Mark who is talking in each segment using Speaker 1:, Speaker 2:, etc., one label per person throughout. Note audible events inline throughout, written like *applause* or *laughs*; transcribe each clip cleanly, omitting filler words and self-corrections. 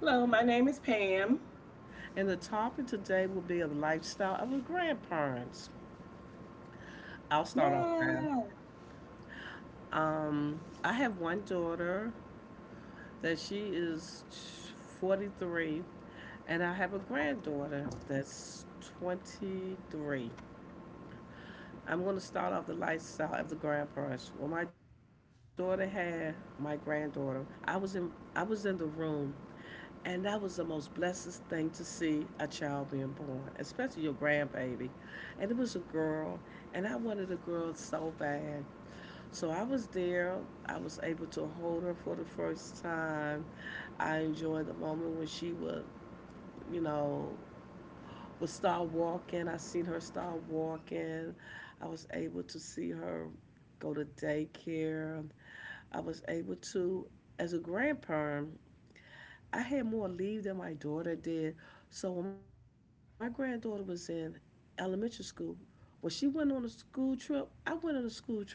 Speaker 1: Hello, my name is Pam.
Speaker 2: and the topic today will be of lifestyle of the grandparents. I'll start off
Speaker 1: Yeah.
Speaker 2: now. I have one daughter that she is 43, and I have a granddaughter that's 23. I'm going to start off the lifestyle of the grandparents. When my daughter had my granddaughter, I was in I was in the room. And that was the most blessed thing to see a child being born, especially your grandbaby. And it was a girl, and I wanted a girl so bad. So I was there. I was able to hold her for the first time. I enjoyed the moment when she would, you know, would start walking. I seen her start walking. I was able to see her go to daycare. I was able to, as a grandparent, I had more leave than my daughter did. So when my granddaughter was in elementary school, when she went on a school trip, I went on a school trip.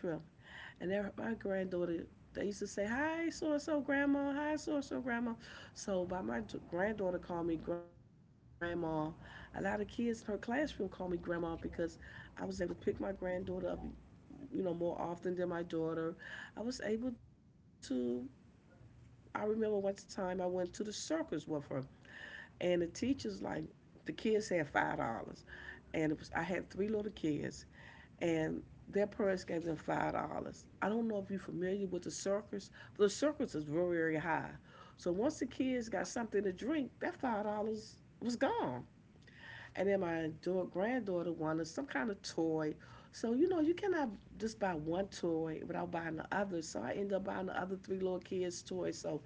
Speaker 2: And there, my granddaughter, they used to say, "Hi, so and so, grandma. Hi, so and so, grandma." So by my granddaughter called me grandma. A lot of kids in her classroom called me grandma because I was able to pick my granddaughter up, more often than my daughter. I was able to. I remember one time I went to the circus with her, and the teachers like the kids had $5, and it was I had three little kids, and their parents gave them $5. I don't know if you're familiar with the circus. The circus is very high, so once the kids got something to drink, that $5 was gone. And then my granddaughter wanted some kind of toy. So, you know, you cannot just buy one toy without buying the other. So I ended up buying the other three little kids' toys. So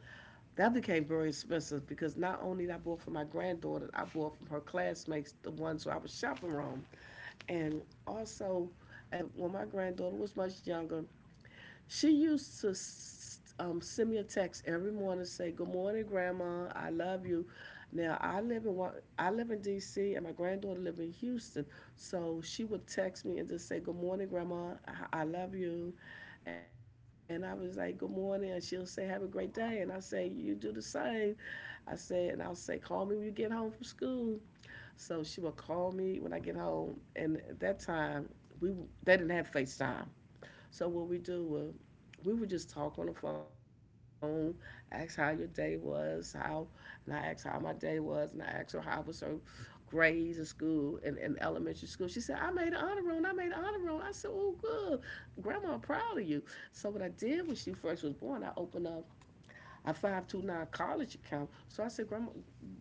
Speaker 2: that became very expensive because not only did I bought for my granddaughter, I bought from her classmates, the ones who I was shopping around. And also, when my granddaughter was much younger, she used to send me a text every morning say, "Good morning, Grandma. I love you." Now I live in I live in D.C., and my granddaughter lives in Houston, so she would text me and just say, "Good morning, Grandma. I love you." And I was like, "Good morning," and she'll say, "Have a great day," and I say, "You do the same." I said, and I'll say, call me when you get home from school. So she would call me when I get home. And at that time, we they didn't have FaceTime. So what we do was we would just talk on the phone, ask how your day was, and I asked how my day was, and I asked her how was her grades in school in elementary school. She said, "I made an honor roll and I made an honor roll." I said, "Oh, good. Grandma, I'm proud of you." So, what I did when she first was born, I opened up a 529 college account. So I said, "Grandma,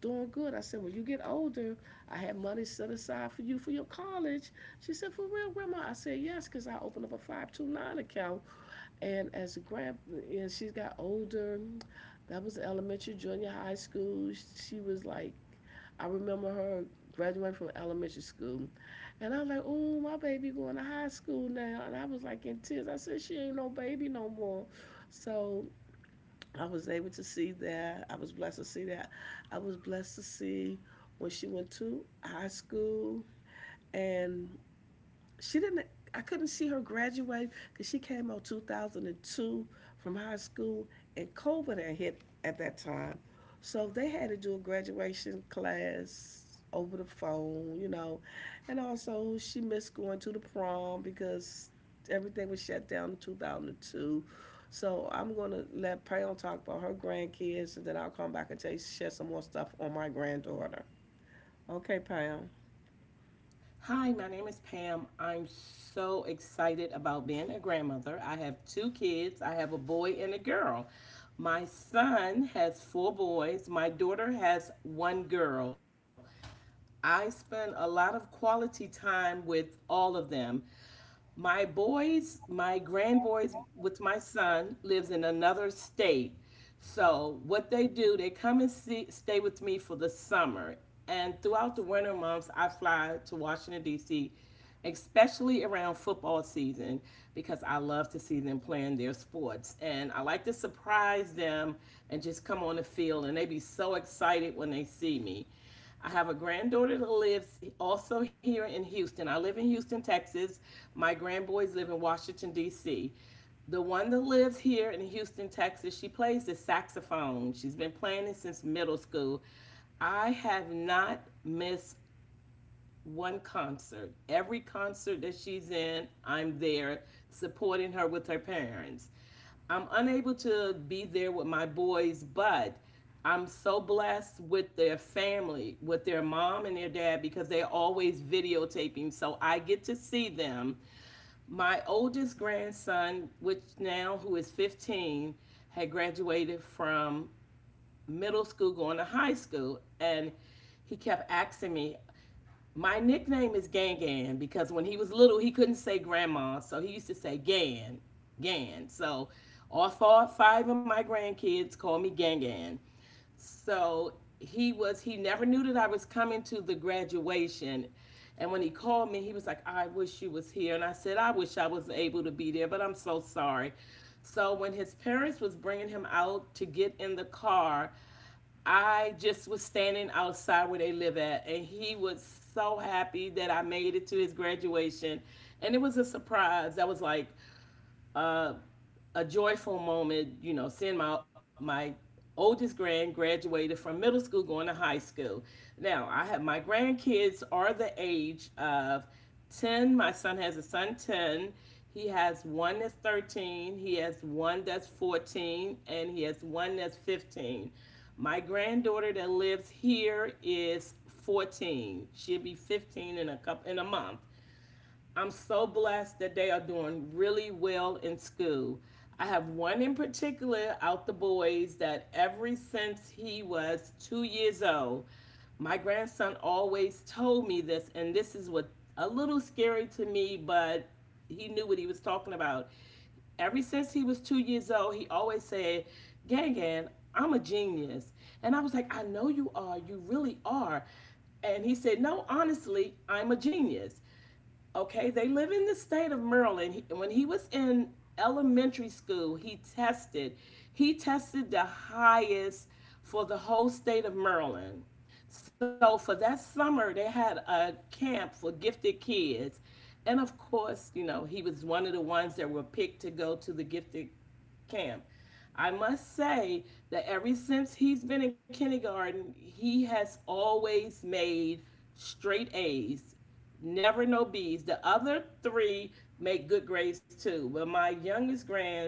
Speaker 2: doing good." I said, "When you get older, I have money set aside for you for your college." She said, "For real, Grandma?" I said, "Yes, because I opened up a 529 account." And as a grand, And she got older, that was elementary, junior high school. She was like, I remember her graduating from elementary school. And I was like, "Oh, my baby going to high school now." And I was like in tears. I said, "She ain't no baby no more." So I was able to see that. I was blessed to see that. I was blessed to see when she went to high school and she didn't I couldn't see her graduate because she came out 2002 from high school and COVID had hit at that time. So they had to do a graduation class over the phone, you know. And also she missed going to the prom because everything was shut down in 2002. So I'm going to let Pam talk about her grandkids and then I'll come back and tell you, share some more stuff on my granddaughter. Okay, Pam.
Speaker 1: Hi, my name is Pam. I'm so excited about being a grandmother. I have two kids. I have a boy and a girl. My son has four boys. My daughter has one girl. I spend a lot of quality time with all of them. My boys, my grand boys with my son lives in another state. So what they do, they come and see, stay with me for the summer. And throughout the winter months, I fly to Washington, D.C., especially around football season because I love to see them playing their sports. And I like to surprise them and just come on the field. And they be so excited when they see me. I have a granddaughter that lives also here in Houston. I live in Houston, Texas. My grandboys live in Washington, D.C. The one that lives here in Houston, Texas, she plays the saxophone. She's been playing it since middle school. I have not missed one concert. Every concert that she's in, I'm there supporting her with her parents. I'm unable to be there with my boys, but I'm so blessed with their family, with their mom and their dad, because they're always videotaping. So I get to see them. My oldest grandson, which now who is 15, had graduated from middle school going to high school. And he kept asking me, my nickname is Gan Gan because when he was little, he couldn't say grandma, so he used to say Gan, Gan. So all four, five of my grandkids call me Gan Gan. So he was, he never knew that I was coming to the graduation. And when he called me, he was like, I wish you was here. And I said, I wish I was able to be there, but I'm so sorry. So when his parents was bringing him out to get in the car, I just was standing outside where they live at, and he was so happy that I made it to his graduation. And it was a surprise. I was like, a joyful moment, you know, seeing my oldest grand graduated from middle school going to high school. Now, I have my grandkids are the age of 10. My son has a son 10. He has one that's 13, he has one that's 14, and he has one that's 15. My granddaughter that lives here is 14. She'll be 15 in a couple in a month. I'm so blessed that they are doing really well in school. I have one in particular out the boys that ever since he was 2 years old, my grandson always told me this, and this is what a little scary to me, but he knew what he was talking about. Ever since he was 2 years old, he always said, Gang Gang, I'm a genius. And I was like, I know you are, you really are. And he said, No, honestly, I'm a genius. Okay, they live in the state of Maryland. When he was in elementary school, he tested. He tested the highest for the whole state of Maryland. So for that summer, they had a camp for gifted kids. And of course, you know, he was one of the ones that were picked to go to the gifted camp. I must say that ever since he's been in kindergarten, he has always made straight A's, never no B's. The other three make good grades too. But my youngest grand,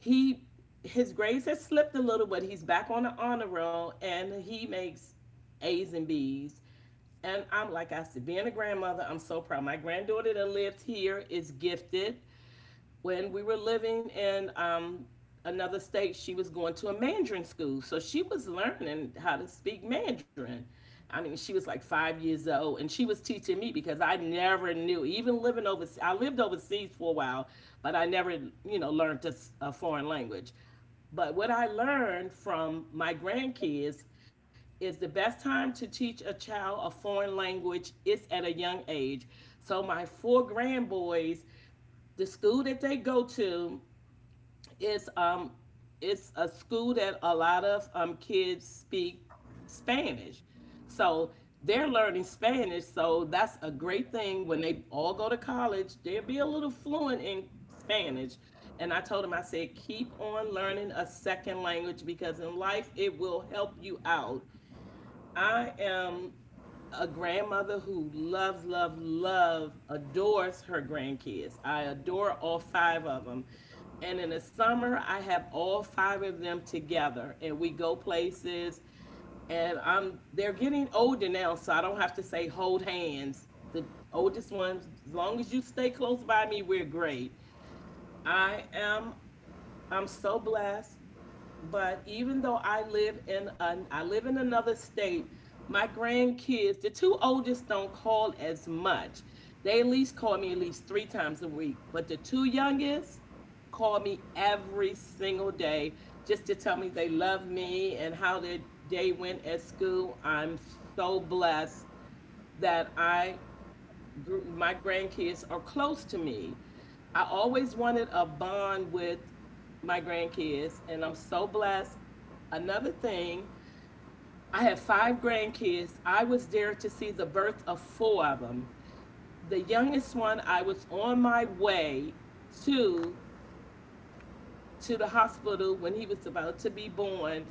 Speaker 1: he, his grades have slipped a little, but he's back on the honor roll and he makes A's and B's. And I'm, like I said, being a grandmother, I'm so proud. My granddaughter that lived here is gifted. When we were living in another state, she was going to a Mandarin school. So she was learning how to speak Mandarin. I mean, she was like 5 years old, and she was teaching me because I never knew, even living overseas. I lived overseas for a while, but I never, you know, learned a foreign language. But what I learned from my grandkids is the best time to teach a child a foreign language is at a young age. So my four grandboys, the school that they go to is it's a school that a lot of kids speak Spanish. So they're learning Spanish, so that's a great thing. When they all go to college, they'll be a little fluent in Spanish. And I told him, I said, keep on learning a second language because in life it will help you out. I am a grandmother who loves, love, love, adores her grandkids. I adore all five of them. And in the summer, I have all five of them together and we go places. And I'm, they're getting older now, so I don't have to say hold hands. The oldest ones, as long as you stay close by me, we're great. I am I'm so blessed. But even though I live in an I live in another state, my grandkids, the two oldest don't call as much. They at least call me at least three times a week. But the two youngest call me every single day just to tell me they love me and how their day went at school. I'm so blessed that I my grandkids are close to me. I always wanted a bond with my grandkids, and I'm so blessed. Another thing, I have five grandkids. I was there to see the birth of four of them. The youngest one, I was on my way to the hospital when he was about to be born,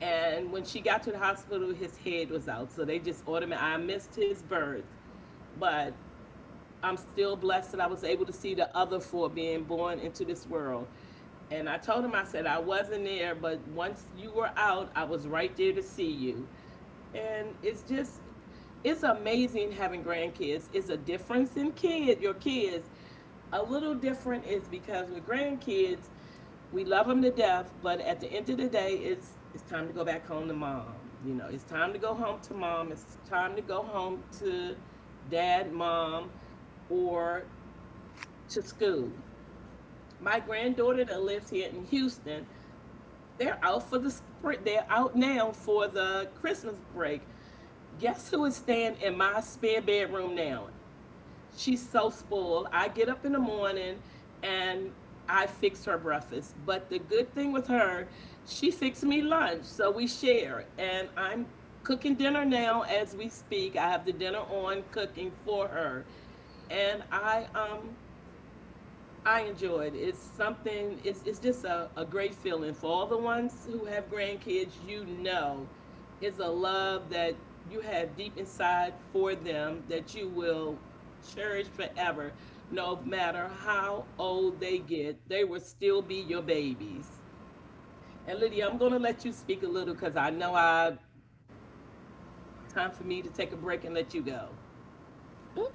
Speaker 1: and when she got to the hospital, his head was out. So they just ordered me. I missed his birth, but I'm still blessed that I was able to see the other four being born into this world. And I told him, I said, I wasn't there, but once you were out, I was right there to see you. And it's just, it's amazing having grandkids. It's a difference in kid, your kids. A little different is because with grandkids, we love them to death, but at the end of the day, it's time to go back home to mom. You know, it's time to go home to mom. It's time to go home to dad, mom or to school. My granddaughter that lives here in Houston, they're out for the spring. They're out now for the Christmas break. Guess who is staying in my spare bedroom now? She's so spoiled. I get up in the morning and I fix her breakfast. But the good thing with her, she fixed me lunch, so we share. And I'm cooking dinner now as we speak. I have the dinner on cooking for her and I enjoyed it. It's something. It's just a great feeling for all the ones who have grandkids. You know, it's a love that you have deep inside for them that you will cherish forever. No matter how old they get, they will still be your babies. And Lydia, I'm going to let you speak a little because I know I time for me to take a break and let you go.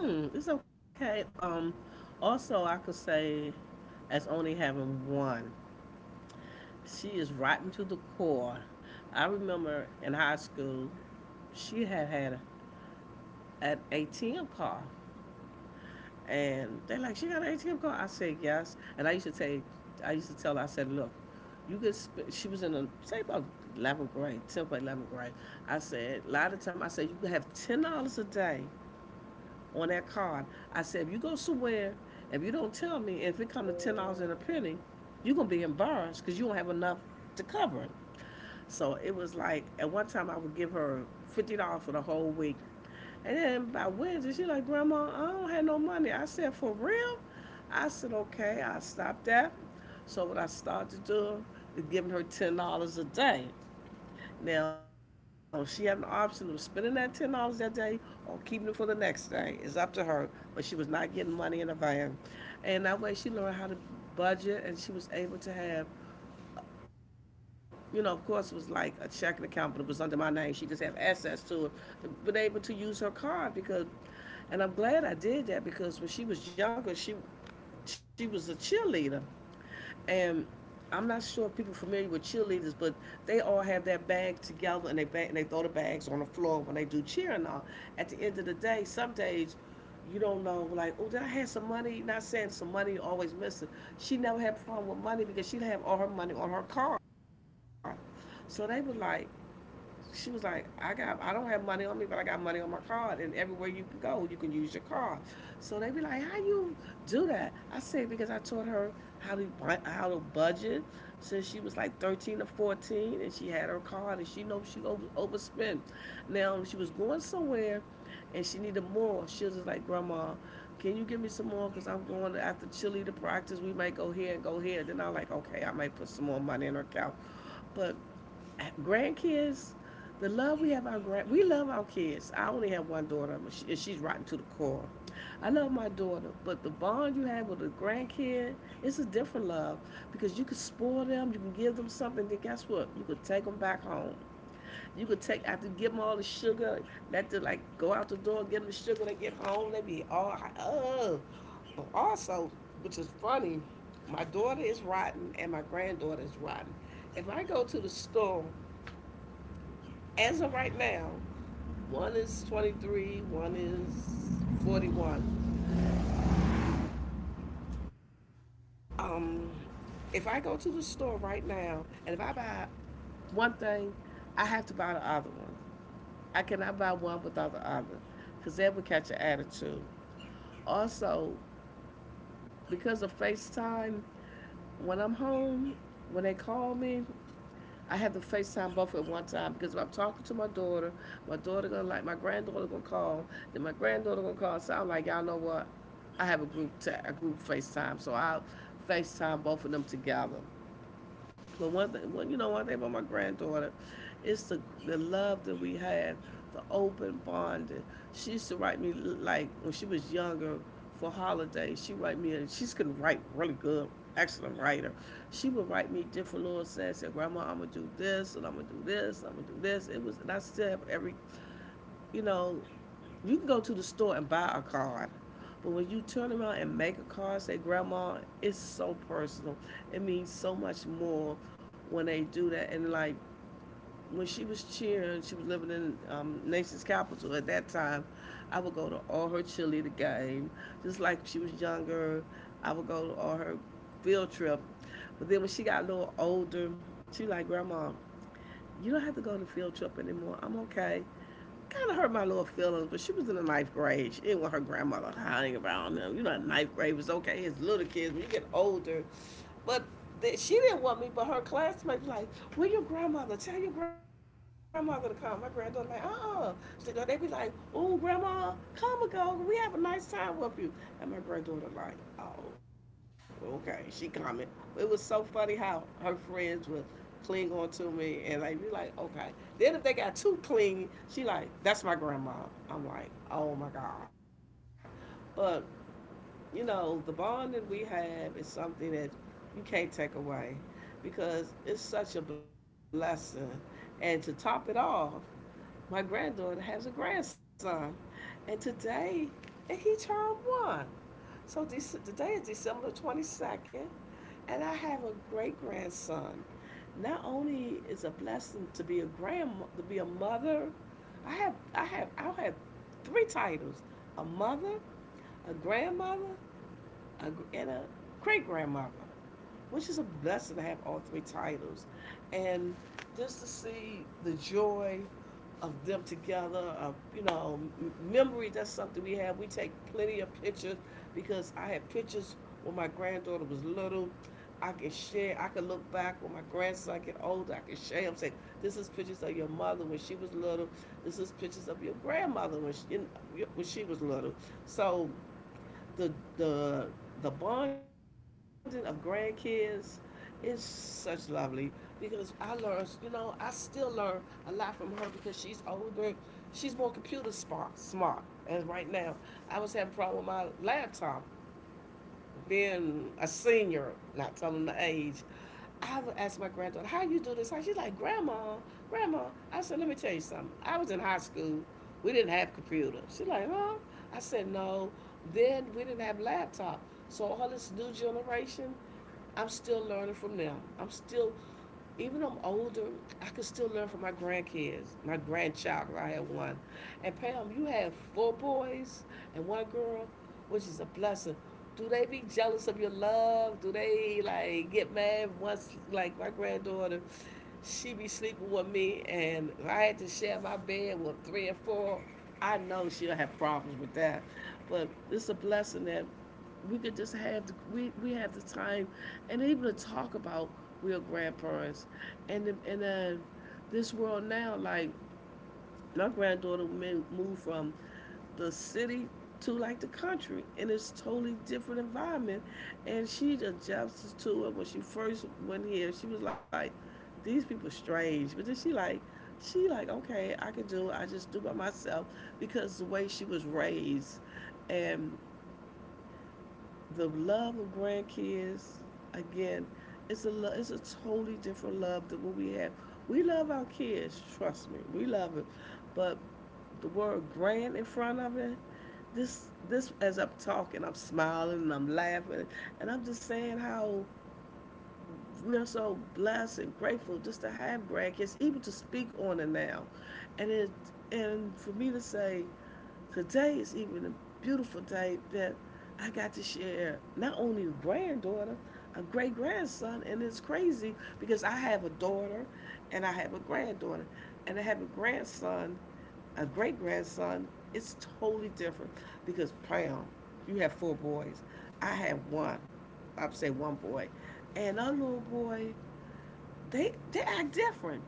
Speaker 2: Mm, it's okay. Also, I could say, as only having one, she is rotten to the core. I remember in high school, she had an ATM card, and they like she got an ATM card. I said yes, and I used to tell her, I said, "Look, you could." She was in a say about 11th grade, 10th or 11th grade. I said a lot of time. I said, "You could have $10 a day on that card." I said, "If you go somewhere, if you don't tell me, if it come to $10 and a penny, you're gonna be embarrassed because you don't have enough to cover it." So it was like at one time I would give her $50 for the whole week, and then by Wednesday she like, "Grandma, I don't have no money." I said, "For real?" I said, "Okay." I stopped that. So what I started doing is giving her $10 a day. Now, she had an option of spending that $10 that day or keeping it for the next day. It's up to her. But she was not getting money in the van. And that way she learned how to budget and she was able to have, you know, of course, it was like a checking account, but it was under my name. She just had access to it, to been able to use her card because, and I'm glad I did that because when she was younger, she was a cheerleader, and I'm not sure if people are familiar with cheerleaders, but they all have their bag together and they bag, and they throw the bags on the floor when they do cheer and all. At the end of the day, some days you don't know, like, "Oh, did I have some money?" Not saying some money you always missing. She never had a problem with money because she'd have all her money on her card. So they were like, she was like, "I got, I don't have money on me, but I got money on my card, and everywhere you can go, you can use your card." So they be like, "How you do that?" I said because I taught her how to how to budget since she was like 13 or 14, and she had her card, and she knows overspend. Now she was going somewhere, and she needed more. She was just like, "Grandma, can you give me some more? Cause I'm going to, after Chile to practice. We might go here and go here." Then I'm like, "Okay," I might put some more money in her account, but grandkids, the love we have our grand, we love our kids. I only have one daughter, and she's rotten to the core. I love my daughter, but the bond you have with a grandkid, it's a different love because you can spoil them, you can give them something. Then guess what? You could take them back home. You could take after give them all the sugar, let them like go out the door, give them the sugar. They get home, they be all oh. But also, which is funny, my daughter is rotten and my granddaughter is rotten. If I go to the store as of right now, one is 23, one is 41. Um, if I go to the store right now and if I buy one thing, I have to buy the other one. I cannot buy one without the other because that would catch an attitude. Also, because of FaceTime, when I'm home, when they call me, I had to FaceTime both at one time because if I'm talking to my daughter gonna like my granddaughter gonna call, then my granddaughter gonna call. So I'm like, "Y'all know what? I have a group a group FaceTime," so I'll FaceTime both of them together. But one thing, one, you know, one thing about my granddaughter, it's the love that we have, the open bonding. She used to write me like when she was younger for holidays. She write me. She's to write really good, excellent writer. She would write me different little sentences. "Grandma, I'm gonna do this, and I'm gonna do this, and I'm gonna do this." It was, and I still have every, you know, you can go to the store and buy a card. But when you turn around and make a card, say grandma, it's so personal. It means so much more when they do that. And like when she was cheering, she was living in nation's capital at that time. I would go to all her cheerleader game, just like she was younger. I would go to all her field trip. But then when she got a little older, she like grandma, you don't have to go to field trip anymore. I'm okay, kind of hurt my little feelings, but she was in the 9th grade. She didn't want her grandmother hiding around them. You know, 9th grade was okay as little kids. When you get older, but she didn't want me, but her classmates be like, "Where your grandmother? Tell your grandmother to come." My granddaughter like, uh." They be like, "Oh, grandma, come and go. We have a nice time with you." And my granddaughter like, "Oh, okay." She coming. It was so funny how her friends would cling on to me, and they be like, "Okay." Then if they got too clingy, she like, "That's my grandma." I'm like, "Oh my god." But you know, the bond that we have is something that you can't take away because it's such a blessing. And to top it off, my granddaughter has a grandson, and today and he turned one. So this, today is December 22nd, and I have a great grandson. Not only is it a blessing to be a grandma, to be a mother, I have three titles: a mother, a grandmother, a, and a great grandmother, which is a blessing to have all three titles. And just to see the joy of them together, of, you know, memory, that's something we have. We take plenty of pictures because I had pictures when my granddaughter was little. I can share, I can look back when my grandson get older, I can share him, say, this is pictures of your mother when she was little. This is pictures of your grandmother when she was little. So the the the bonding of grandkids is such lovely because I learned, you know, I still learn a lot from her because she's older, she's more computer smart. And right now, I was having a problem with my laptop, being a senior, not telling the age, I would ask my granddaughter, "How you do this?" She's like, "Grandma, grandma." I said, "Let me tell you something. I was in high school. We didn't have computers." She's like, "Huh?" I said, "No. Then we didn't have laptops. So all this new generation, I'm still learning from them. I'm still, even though I'm older, I can still learn from my grandkids, my grandchild. 'Cause I have one, and Pam, you have four boys and one girl, which is a blessing, do they be jealous of your love? Do they like get mad once like my granddaughter, she be sleeping with me, and if I had to share my bed with three or four, I know she'll have problems with that. But it's a blessing that we have the time and even to talk about real grandparents and this world now, like my granddaughter moved from the city to like the country, and it's totally different environment. And she adjusts to it. When she first went here, she was like, these people strange, but then she like, okay, I could do it. I just do by myself because the way she was raised. And the love of grandkids, again, it's a totally different love than what we have. We love our kids, trust me, we love it, but the word grand in front of it, this as I'm talking, I'm smiling and I'm laughing, and I'm just saying how we're so blessed and grateful just to have grandkids, even to speak on it now. And it and for me to say today is even a beautiful day that I got to share not only a granddaughter, a great grandson, and it's crazy because I have a daughter and I have a granddaughter, and I have a grandson, a great grandson. It's totally different because Pam, you have four boys. I have one. I'd say one boy, and our little boy, they act different.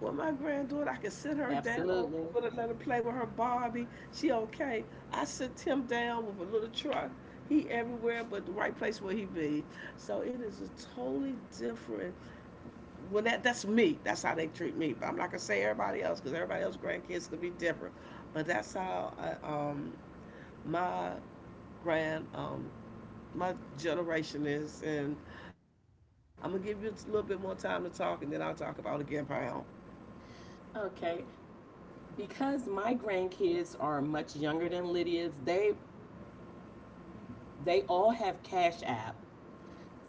Speaker 2: Well, my granddaughter, I can sit her down,
Speaker 1: Absolutely.
Speaker 2: put her, let her play with her Barbie. She okay. I sit him down with a little truck. He everywhere but the right place where he be. So it is a totally different. Well, that's me. That's how they treat me. But I'm not gonna say everybody else because everybody else grandkids could be different. But that's how I, my grand my generation is. And I'm gonna give you a little bit more time to talk, and then I'll talk about again pound.
Speaker 1: Okay. Because my grandkids are much younger than Lydia's, they all have Cash App.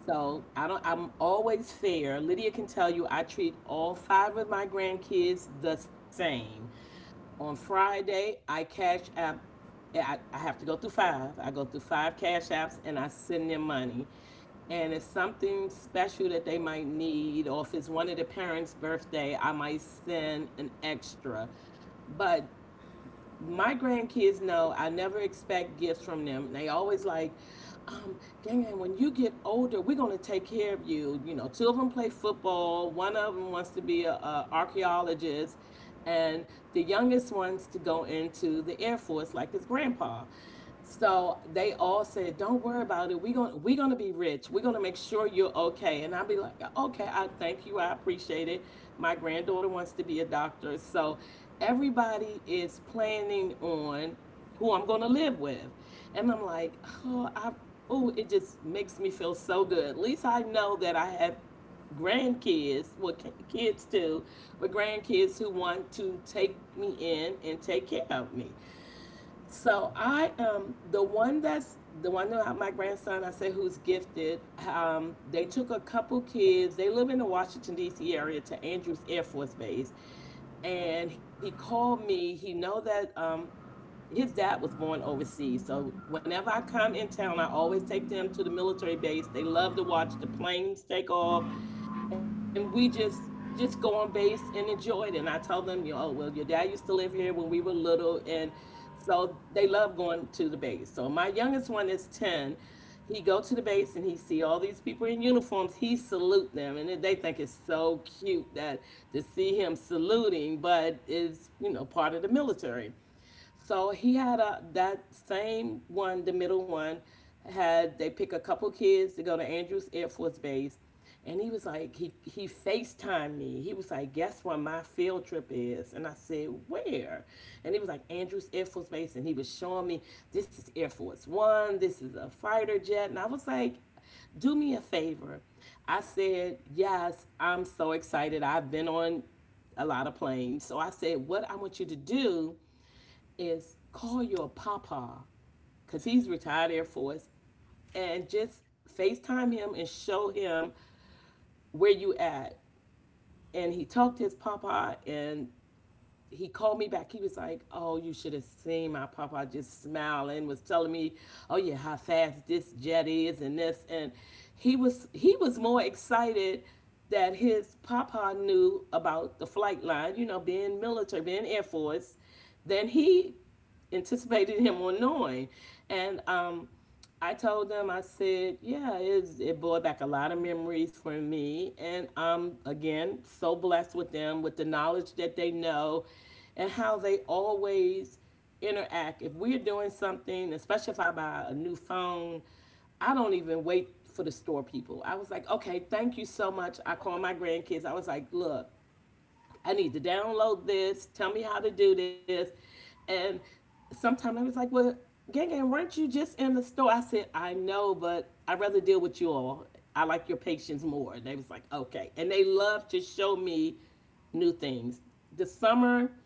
Speaker 1: So I don't I'm always fair. Lydia can tell you I treat all five of my grandkids the same. On Friday, I cash app I have to go through five. I go through five cash apps and I send them money. And if something special that they might need, or if it's one of the parents' birthday, I might send an extra. But my grandkids know I never expect gifts from them. And they always like, gang, gang, when you get older, we're gonna take care of you. You know, two of them play football. One of them wants to be a archaeologist, and the youngest wants to go into the Air Force like his grandpa. So they all said, "Don't worry about it. We're gonna be rich. We're gonna make sure you're okay." And I'll be like, "Okay, I thank you. I appreciate it. My granddaughter wants to be a doctor, so everybody is planning on who I'm gonna live with." And I'm like, "Oh, I oh, it just makes me feel so good. At least I know that I have grandkids, well, ki- kids too, but grandkids who want to take me in and take care of me. So I am the one that's the one that my grandson I say who's gifted. They took a couple kids. They live in the Washington D.C. area to Andrews Air Force Base, and he called me. He know that. His dad was born overseas. So whenever I come in town, I always take them to the military base. They love to watch the planes take off, and we just go on base and enjoy it. And I tell them, oh, well, your dad used to live here when we were little, and so they love going to the base. So my youngest one is 10. He go to the base and he see all these people in uniforms. He salute them, and they think it's so cute that to see him saluting, but it's part of the military. So he had a that same one, the middle one, had they pick a couple kids to go to Andrews Air Force Base, and he was like he FaceTime me. He was like, "Guess where my field trip is?" And I said, "Where?" And he was like, "Andrews Air Force Base," and he was showing me, "This is Air Force One, this is a fighter jet," and I was like, "Do me a favor." I said, "Yes, I'm so excited. I've been on a lot of planes." So I said, "What I want you to do is call your papa because he's retired Air Force and just FaceTime him and show him where you at." And he talked to his papa and he called me back. He was like, "Oh, you should have seen my papa just smile and was telling me, 'Oh yeah, how fast this jet is,' and this." And he was more excited that his papa knew about the flight line, being military, being Air Force, than he anticipated him on knowing. And I told them, I said, "Yeah, it brought back a lot of memories for me." And I'm, again, so blessed with them, with the knowledge that they know and how they always interact. If we're doing something, especially if I buy a new phone, I don't even wait for the store people. I was like, "Okay, thank you so much." I call my grandkids. I was like, "Look, I need to download this. Tell me how to do this." And sometimes I was like, "Well, Gang Gang, weren't you just in the store?" I said, "I know, but I'd rather deal with you all. I like your patience more." And they was like, "Okay." And they love to show me new things. The summer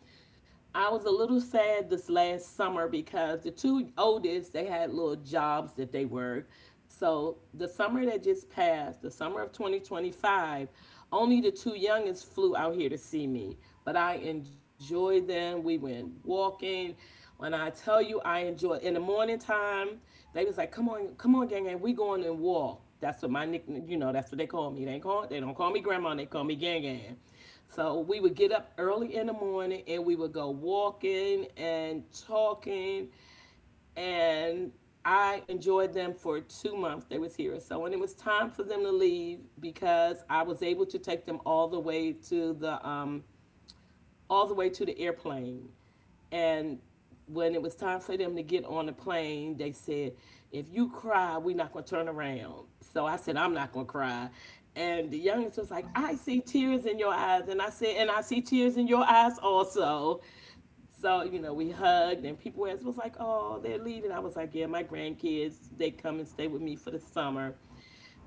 Speaker 1: I was a little sad this last summer because the two oldest they had little jobs that they worked. So the summer that just passed, the summer of 2025, only the two youngest flew out here to see me. But I enjoyed them. We went walking. When I tell you I enjoyed in the morning time, they was like, "Come on, come on, Gang Gang, we going and walk." That's what my nickname, that's what they call me. They don't call me grandma, they call me Gang Gang. So we would get up early in the morning and we would go walking and talking. And I enjoyed them for 2 months they was here. So when it was time for them to leave, because I was able to take them all the way to the airplane. And when it was time for them to get on the plane, they said, "If you cry, we're not going to turn around." So I said, "I'm not going to cry." And the youngest was like, "I see tears in your eyes." And I said, "And I see tears in your eyes also." So, we hugged and people was like, "Oh, they're leaving." I was like, "Yeah, my grandkids, they come and stay with me for the summer."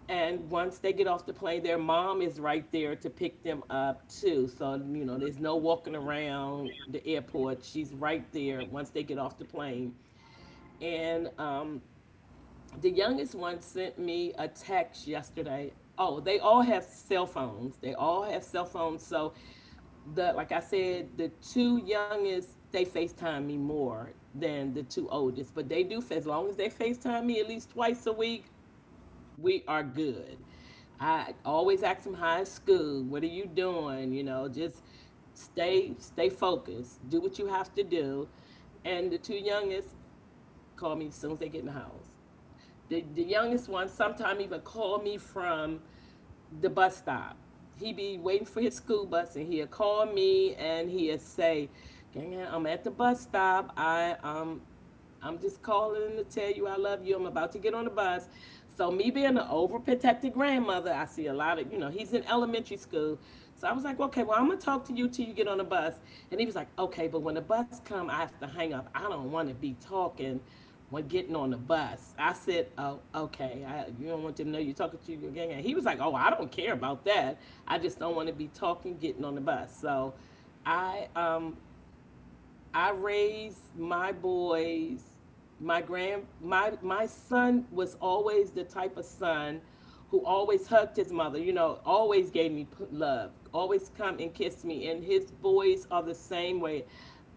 Speaker 1: And once they get off the plane, their mom is right there to pick them up too. So, there's no walking around the airport. She's right there once they get off the plane. And the youngest one sent me a text yesterday. Oh, they all have cell phones. They all have cell phones. So the like I said, the two youngest they FaceTime me more than the two oldest. But they do, as long as they FaceTime me at least twice a week, we are good. I always ask them, "High school, what are you doing? Just stay focused. Do what you have to do." And the two youngest call me as soon as they get in the house. The youngest one sometime even call me from the bus stop. He be waiting for his school bus and he'll call me and he'll say, "Gang, I'm at the bus stop. I'm just calling to tell you I love you. I'm about to get on the bus." So me being an overprotective grandmother, I see a lot of, he's in elementary school. So I was like, "Okay, well, I'm gonna talk to you till you get on the bus." And he was like, "Okay, but when the bus come, I have to hang up. I don't want to be talking when getting on the bus." I said, "Oh, okay. You don't want them to know you're talking to your Gang." And he was like, "Oh, I don't care about that. I just don't want to be talking getting on the bus." So I um I raised my boys. My grand my my son was always the type of son who always hugged his mother, always gave me love, always come and kiss me. And his boys are the same way.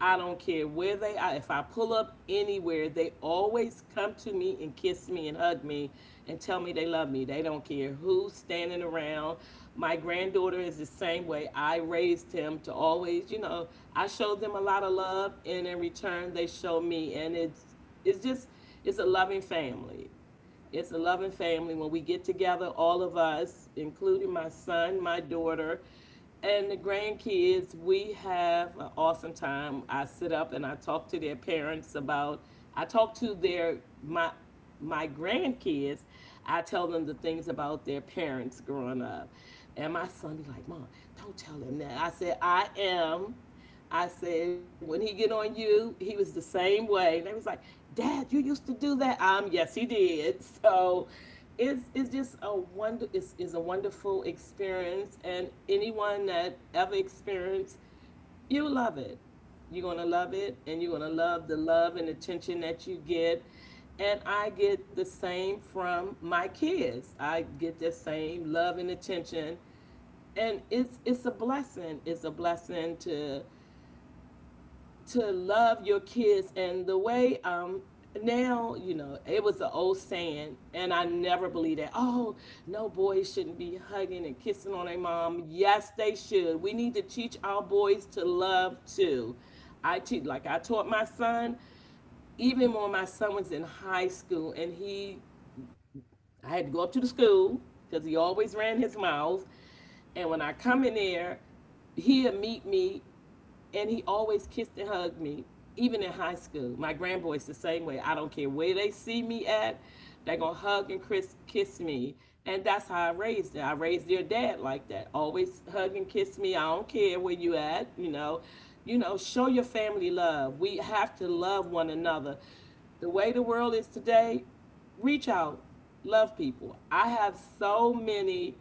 Speaker 1: I don't care where they are. If I pull up anywhere, they always come to me and kiss me and hug me and tell me they love me. They don't care who's standing around. My granddaughter is the same way. I raised him to always, I showed them a lot of love, and in return, they show me, and it's just it's a loving family. It's a loving family. When we get together, all of us, including my son, my daughter, and the grandkids, we have an awesome time. I sit up and I talk to their parents about. I talk to their my my grandkids. I tell them the things about their parents growing up, and my son be like, "Mom, don't tell them that." I said, "I am." I said, "When he get on you, he was the same way." And they was like, "Dad, you used to do that. Yes, he did." *laughs* So it's just a wonder, it's a wonderful experience, and anyone that ever experienced, you love it. You're gonna love it and you're gonna love the love and attention that you get. And I get the same from my kids. I get the same love and attention, and it's a blessing. It's a blessing to love your kids. And the way now, you know it was an old saying, and I never believed that. Oh, no, boys shouldn't be hugging and kissing on their mom. Yes, they should. We need to teach our boys to love too. I teach, like I taught my son, even when my son was in high school, and he I had to go up to the school because he always ran his mouth. And when I come in there, he'll meet me, and he always kissed and hugged me, even in high school. My grandboys the same way. I don't care where they see me at, they're gonna hug and kiss me, and that's how I raised them. I raised their dad like that. Always hug and kiss me. I don't care where you at. Show your family love. We have to love one another. The way the world is today, reach out, love people. I have so many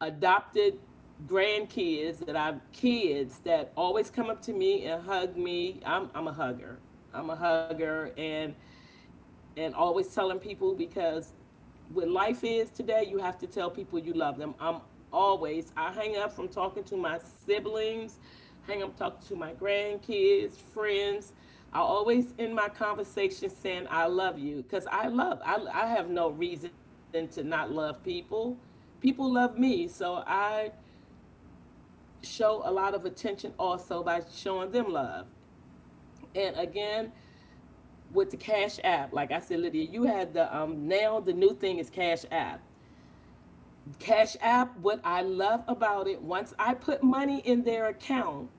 Speaker 1: adopted grandkids that I've, kids that always come up to me and hug me. I'm a hugger. I'm a hugger, and always telling people, because what life is today, you have to tell people you love them. I hang up from talking to my siblings, hang up talking to my grandkids, friends. I always end my conversation saying I love you, because I love I have no reason to not love people. People love me, so I show a lot of attention also by showing them love. And again, with the Cash App, like I said, Lydia, you had. The um now the new thing is Cash App. Cash App, what I love about it, once I put money in their account,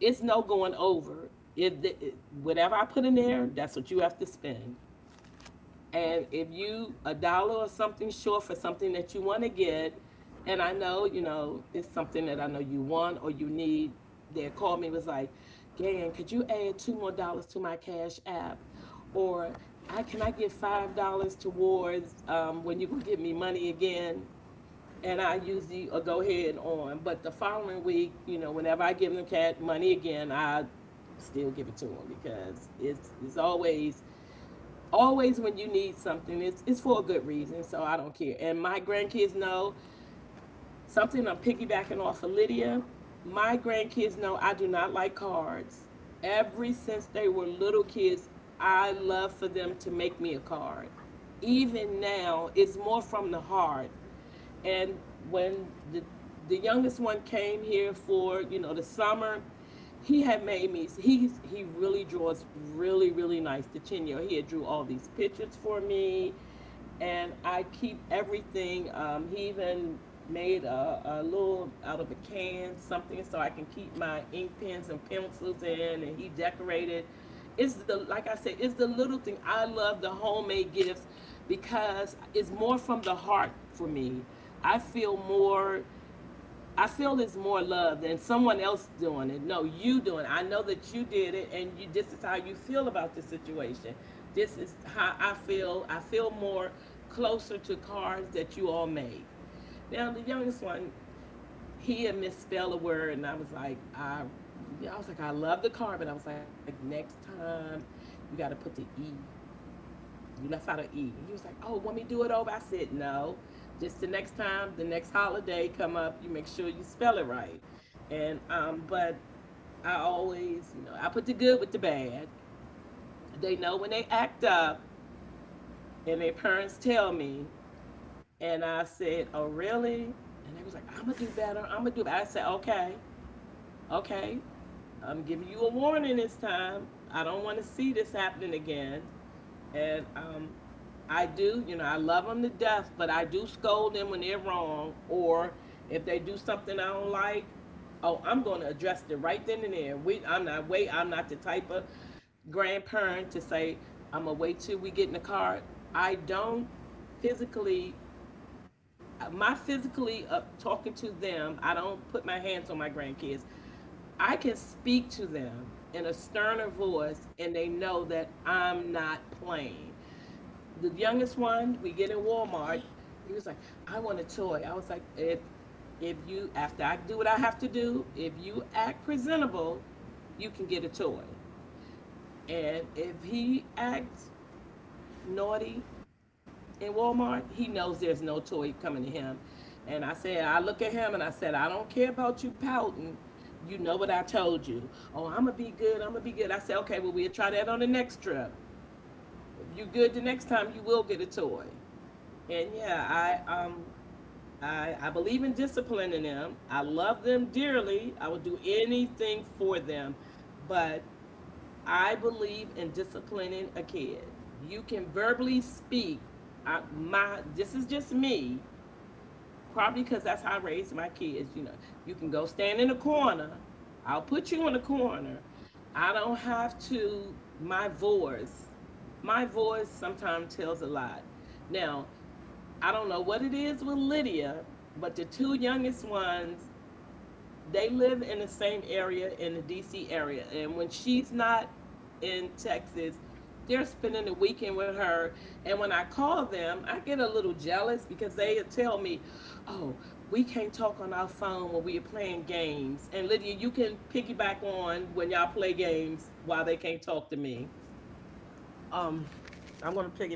Speaker 1: it's no going over. If the, it- whatever I put in there, that's what you have to spend. And if you a dollar or something short for something that you want to get, and I know you know it's something that I know you want or you need, they called me was like, "Gan, could you add two more dollars to my Cash App?" Or I can I get $5 towards when you go give me money again? And I usually go ahead on, but the following week, you know, whenever I give them cat money again, I still give it to them because it's always always when you need something it's for a good reason, so I don't care. And my grandkids know something. I'm piggybacking off of Lydia. My grandkids know I do not like cards. Every since they were little kids, I love for them to make me a card. Even now, it's more from the heart. And when the youngest one came here for, you know, the summer, he had made me, he really draws really, really nice. The 10-year, he had drew all these pictures for me, and I keep everything. He even made a little out of a can something so I can keep my ink pens and pencils in, and he decorated. It's the, like I said, it's the little thing. I love the homemade gifts because it's more from the heart for me. I feel more, I feel it's more love than someone else doing it. No, you doing it. I know that you did it, and you, this is how you feel about this situation. This is how I feel. I feel more closer to cards that you all make. Now the youngest one, he had misspelled a word, and I was like, I, yeah, I was like, I love the card, but I was like, next time you gotta put the E, you left out an E. He was like, oh, want me to do it over? I said, no. Just the next time, the next holiday come up, you make sure you spell it right. And but I always, you know, I put the good with the bad. They know when they act up, and their parents tell me. And I said, oh, really? And they was like, I'm gonna do better. I'm gonna do better. I said, okay, okay. I'm giving you a warning this time. I don't want to see this happening again. And I do, you know, I love them to death, but I do scold them when they're wrong, or if they do something I don't like. Oh, I'm going to address it right then and there. We, I'm not wait, I'm not the type of grandparent to say I'm gonna wait till we get in the car. I don't physically, my physically talking to them. I don't put my hands on my grandkids. I can speak to them in a sterner voice, and they know that I'm not playing. The youngest one, we get in Walmart. He was like, I want a toy. I was like, if you, after I do what I have to do, if you act presentable, you can get a toy. And if he acts naughty in Walmart, he knows there's no toy coming to him. And I said, I look at him and I said, I don't care about you pouting. You know what I told you. Oh, I'm gonna be good. I'm gonna be good. I said, okay, well, we'll try that on the next trip. If you good the next time, you will get a toy. And yeah, I believe in disciplining them. I love them dearly. I would do anything for them, but I believe in disciplining a kid. You can verbally speak. I, my, this is just me, probably because that's how I raised my kids. You know, you can go stand in a corner. I'll put you in a corner. I don't have to, my voice sometimes tells a lot. Now, I don't know what it is with Lydia, but the two youngest ones, they live in the same area, in the DC area. And when she's not in Texas, they're spending the weekend with her. And when I call them, I get a little jealous because they tell me, oh, we can't talk on our phone when we are playing games. And Lydia, you can piggyback on when y'all play games while they can't talk to me.
Speaker 2: Um, I'm going to piggyback on that.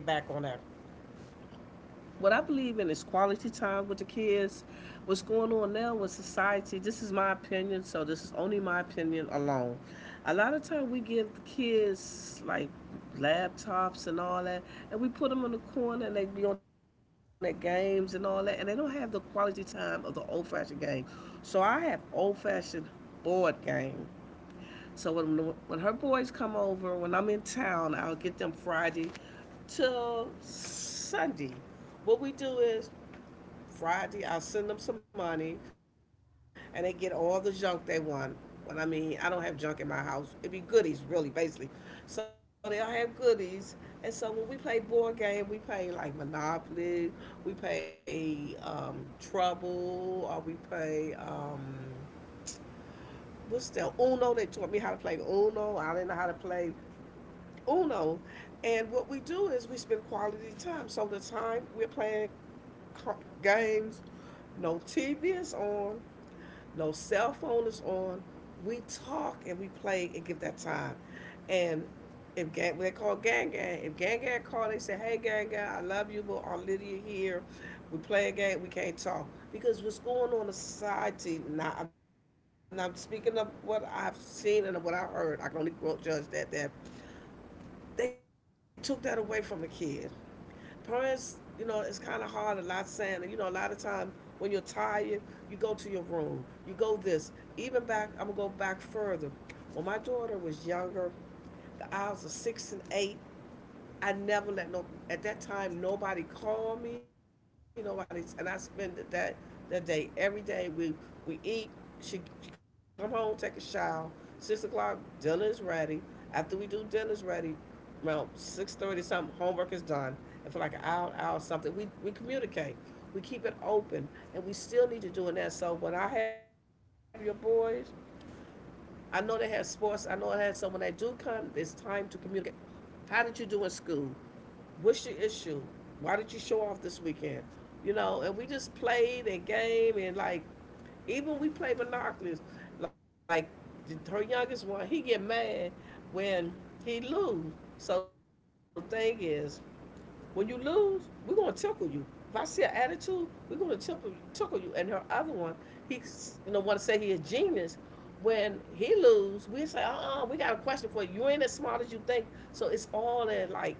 Speaker 2: What I believe in is quality time with the kids. What's going on now with society? This is my opinion, so this is only my opinion alone. A lot of times we give the kids like laptops and all that, and we put them in the corner and they be on their games and all that, and they don't have the quality time of the old fashioned game. So I have old fashioned board game. So when her boys come over, when I'm in town, I'll get them Friday till Sunday. What we do is Friday, I'll send them some money and they get all the junk they want. What I mean, I don't have junk in my house. It'd be goodies, really, basically. So they'll have goodies. And so when we play board game, we play like Monopoly, we play Trouble, or we play what's that, Uno. They taught me how to play Uno. I didn't know how to play Uno. And what we do is we spend quality time. So the time we're playing games, no TV is on, no cell phone is on. We talk and we play and give that time. And if gang, they call gang gang. If gang gang call, they say, "Hey gang gang, I love you, but Aunt Lydia here. We play a game. We can't talk because what's going on in society." Now, I'm not speaking of what I've seen and what I heard. I can only judge that they took that away from the kids. Parents, you know, it's kind of hard. A lot saying, you know, a lot of time when you're tired, you go to your room. You go this. Even back, I'm gonna go back further. When my daughter was younger, the hours of six and eight, I never let no, at that time, nobody called me, nobody, and I spent that day, every day, we eat, she come home, take a shower, 6 o'clock, dinner is ready, after we do dinner's ready, around 6:30 something, homework is done, and for like an hour, hour something, we communicate, we keep it open, and we still need to do that. So when I have your boys, I know they have sports, I know I had someone that do come, it's time to communicate, how did you do in school? What's your issue? Why did you show off this weekend? You know, and we just played and game and like even we played monopolies. Like her youngest one, he get mad when he lose. So the thing is, when you lose, we're gonna tickle you. If I see an attitude, we're gonna tickle you. And her other one, he's you know want to say he a genius. When he lose, we say, we got a question for you. You ain't as smart as you think. So it's all that, like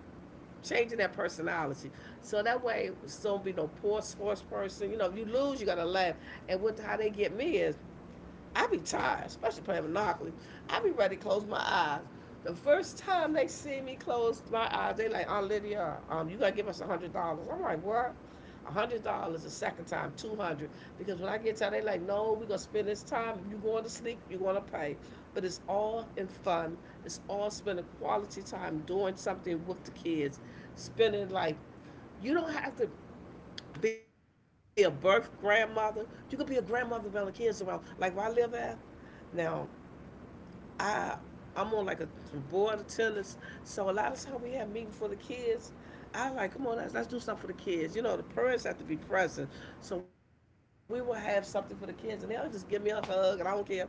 Speaker 2: changing that personality. So that way, it's don't be no poor sports person. You know, if you lose, you gotta laugh. And what how they get me is I be tired, especially playing Monopoly. I be ready to close my eyes. The first time they see me close my eyes, they like, "Aunt Lydia, you gotta give us $100." I'm like, what? $100 the second time, 200. Because when I get tired, they like, no, we gonna spend this time. If you going to sleep, you gonna pay. But it's all in fun. It's all spending quality time doing something with the kids. Spending like you don't have to be a birth grandmother. You could be a grandmother around the kids around. Like where I live at now, I I'm on like a board of tennis, so a lot of time we have meetings for the kids. I like, come on, let's do something for the kids. You know, the parents have to be present, so we will have something for the kids, and they'll just give me a hug, and I don't care.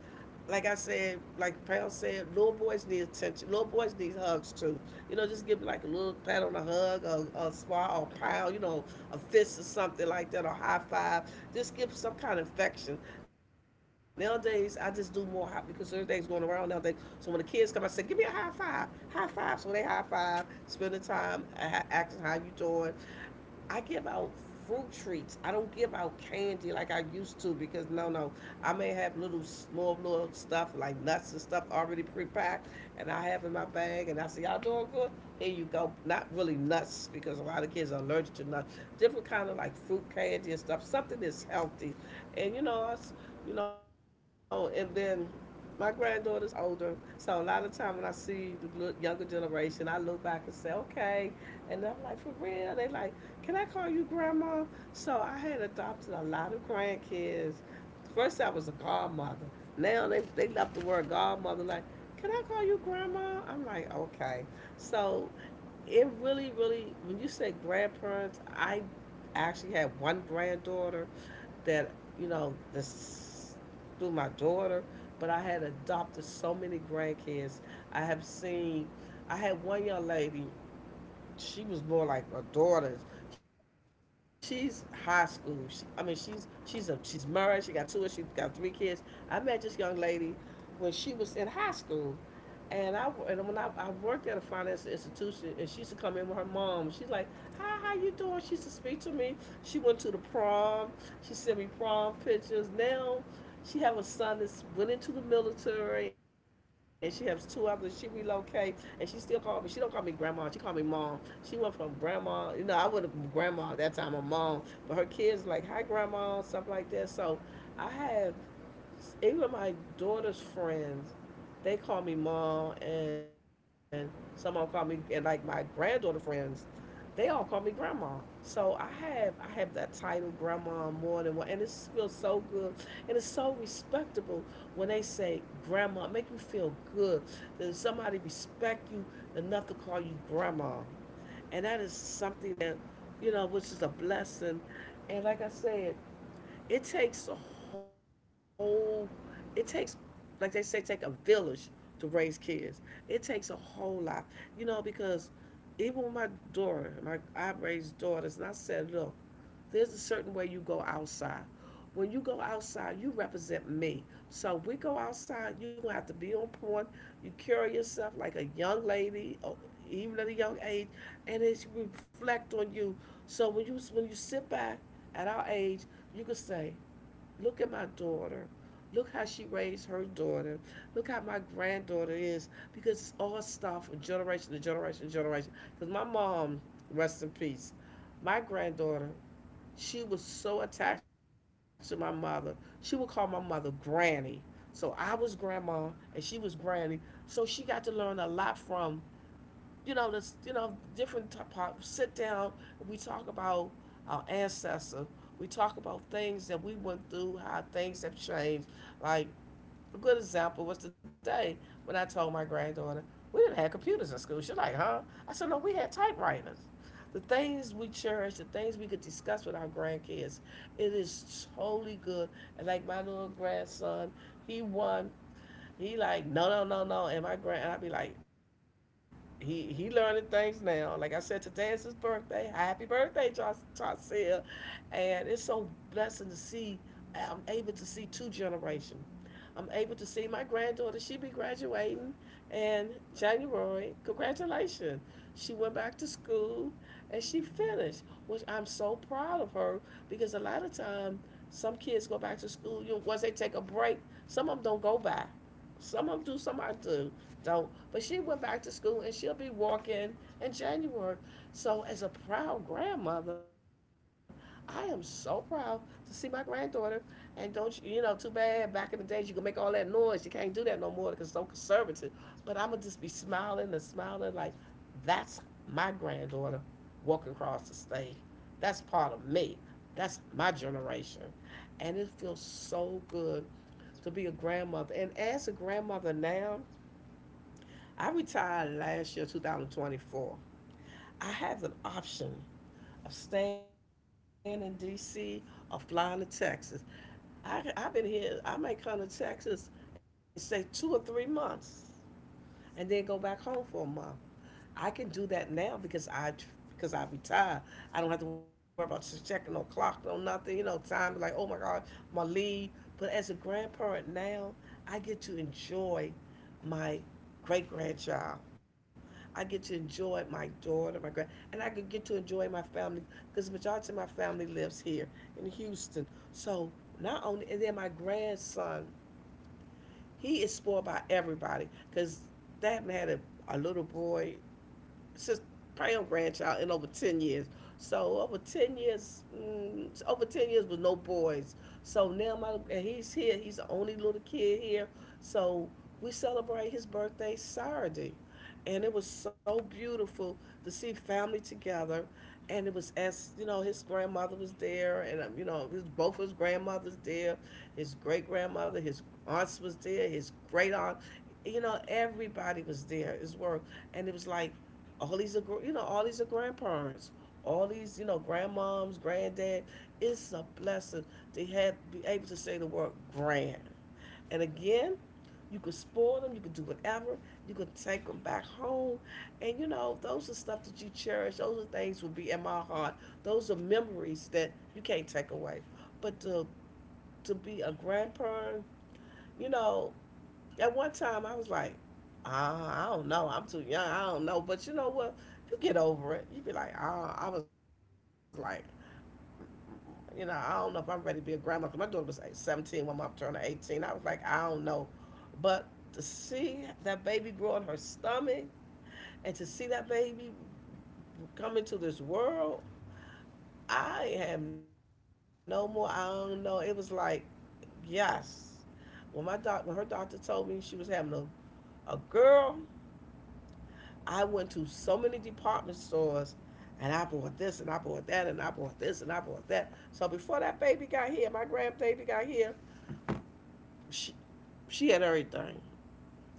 Speaker 2: Like I said, like Pal said, little boys need attention. Little boys need hugs too. You know, just give 'em, like a little pat on the hug, or a swat, or a pile. You know, a fist or something like that, or high five. Just give some kind of affection. Nowadays, I just do more high because everything's going around nowadays. So when the kids come, I say, give me a high five, high five. So they high five, spend the time, acting how you doing. I give out fruit treats. I don't give out candy like I used to because no, no. I may have little small little stuff like nuts and stuff already pre-packed, and I have in my bag, and I say, "Y'all doing good? Here you go." Not really nuts because a lot of kids are allergic to nuts. Different kind of like fruit candy and stuff. Something that's healthy, and you know us, you know, and then my granddaughter's older. So a lot of time when I see the younger generation, I look back and say, okay. And I'm like, for real? They like, can I call you grandma? So I had adopted a lot of grandkids. First, I was a godmother. Now they left the word godmother like, can I call you grandma? I'm like, okay. So it really, really, when you say grandparents, I actually had one granddaughter that, you know, this through my daughter, but I had adopted so many grandkids. I have seen. I had one young lady, she was more like a daughter. She's high school. She, I mean, she's a she's married. She got two. She got three kids. I met this young lady when she was in high school, and I and when I worked at a financial institution, and she used to come in with her mom. She's like, "Hi, how you doing?" She used to speak to me. She went to the prom. She sent me prom pictures. Now, she have a son that's went into the military, and she has two others. She relocate, and she still called me. She don't call me grandma. She call me mom. She went from grandma, you know, I wasn't grandma at that time, my mom, but her kids like hi grandma stuff like that. So I have even my daughter's friends, they call me mom, and some of them call me and like my granddaughter friends, they all call me grandma. So I have that title grandma more than one, and it feels so good, and it's so respectable when they say grandma. It make you feel good that somebody respect you enough to call you grandma. And that is something that, you know, which is a blessing. And like I said, it takes a whole, it takes, like they say, take a village to raise kids. It takes a whole lot, you know, because even with my daughter, my I raised daughters, and I set it up, there's a certain way you go outside. When you go outside, you represent me. So if we go outside, you gonna have to be on point. You carry yourself like a young lady, or even at a young age, and it reflect on you. So when you sit back at our age, you can say, "Look at my daughter. Look how she raised her daughter. Look how my granddaughter is." Because it's all stuff from generation to generation to generation. Because my mom, rest in peace, my granddaughter, she was so attached to my mother. She would call my mother Granny. So I was grandma and she was granny. So she got to learn a lot from, you know, this, you know, different type of sit down. We talk about our ancestors. We talk about things that we went through, how things have changed. Like a good example was today when I told my granddaughter, we didn't have computers in school. She's like, huh? I said, no, we had typewriters. The things we cherish, the things we could discuss with our grandkids, it is totally good. And like my little grandson, he won. He like, no, no, no, no. And my grand, and I be like, he learning things now. Like I said, today is his birthday. Happy birthday, Tracil. And it's so blessing to see. I'm able to see two generations, I'm able to see my granddaughter. She be graduating in January. Congratulations. She went back to school and she finished, which I'm so proud of her because a lot of time some kids go back to school. You know, once they take a break, some of them don't go back. Some of them do, some I do don't. But she went back to school and she'll be walking in January. So as a proud grandmother, I am so proud to see my granddaughter, and don't you, you know, too bad back in the days you could make all that noise. You can't do that no more because it's so conservative. But I'm going to just be smiling and smiling like that's my granddaughter walking across the stage. That's part of me. That's my generation. And it feels so good to be a grandmother. And as a grandmother now, I retired last year, 2024. I have an option of staying in DC or flying to Texas. I've been here, I may come to Texas and stay 2 or 3 months and then go back home for a month. I can do that now because I retired. I don't have to worry about just checking no clock, no nothing, you know, time, like, oh my God, my leave. But as a grandparent now, I get to enjoy my great grandchild, I get to enjoy my daughter, my grand, and I could get to enjoy my family because the majority of my family lives here in Houston. So not only, and then my grandson, he is spoiled by everybody because dad had a little boy sis, Pam grandchild in over 10 years. So over 10 years, over 10 years with no boys. So now my and he's here. He's the only little kid here. So we celebrate his birthday Saturday, and it was so beautiful to see family together. And it was as you know, his grandmother was there, and you know, his, both his grandmothers there, his great grandmother, his aunts was there, his great aunt, you know, everybody was there as well, and it was like all these are, you know, all these are grandparents, all these, you know, grandmoms, granddad, it's a blessing to have be able to say the word grand. And again, you could spoil them, you could do whatever, you could take them back home, and you know those are stuff that you cherish, those are things will be in my heart, those are memories that you can't take away. But to be a grandparent, you know, at one time, I was like, ah, I don't know. I'm too young. I don't know. But you know what? You get over it. You be like, ah, I was like, you know, I don't know if I'm ready to be a grandma. 'Cause my daughter was like 17 one month, turning 18. I was like, I don't know. But to see that baby grow in her stomach and to see that baby come into this world, I have no more. I don't know. It was like, yes. When my doc, when her doctor told me she was having a girl, I went to so many department stores and I bought this and I bought that and I bought this and I bought that. So before that baby got here, my grandbaby got here, she, she had everything.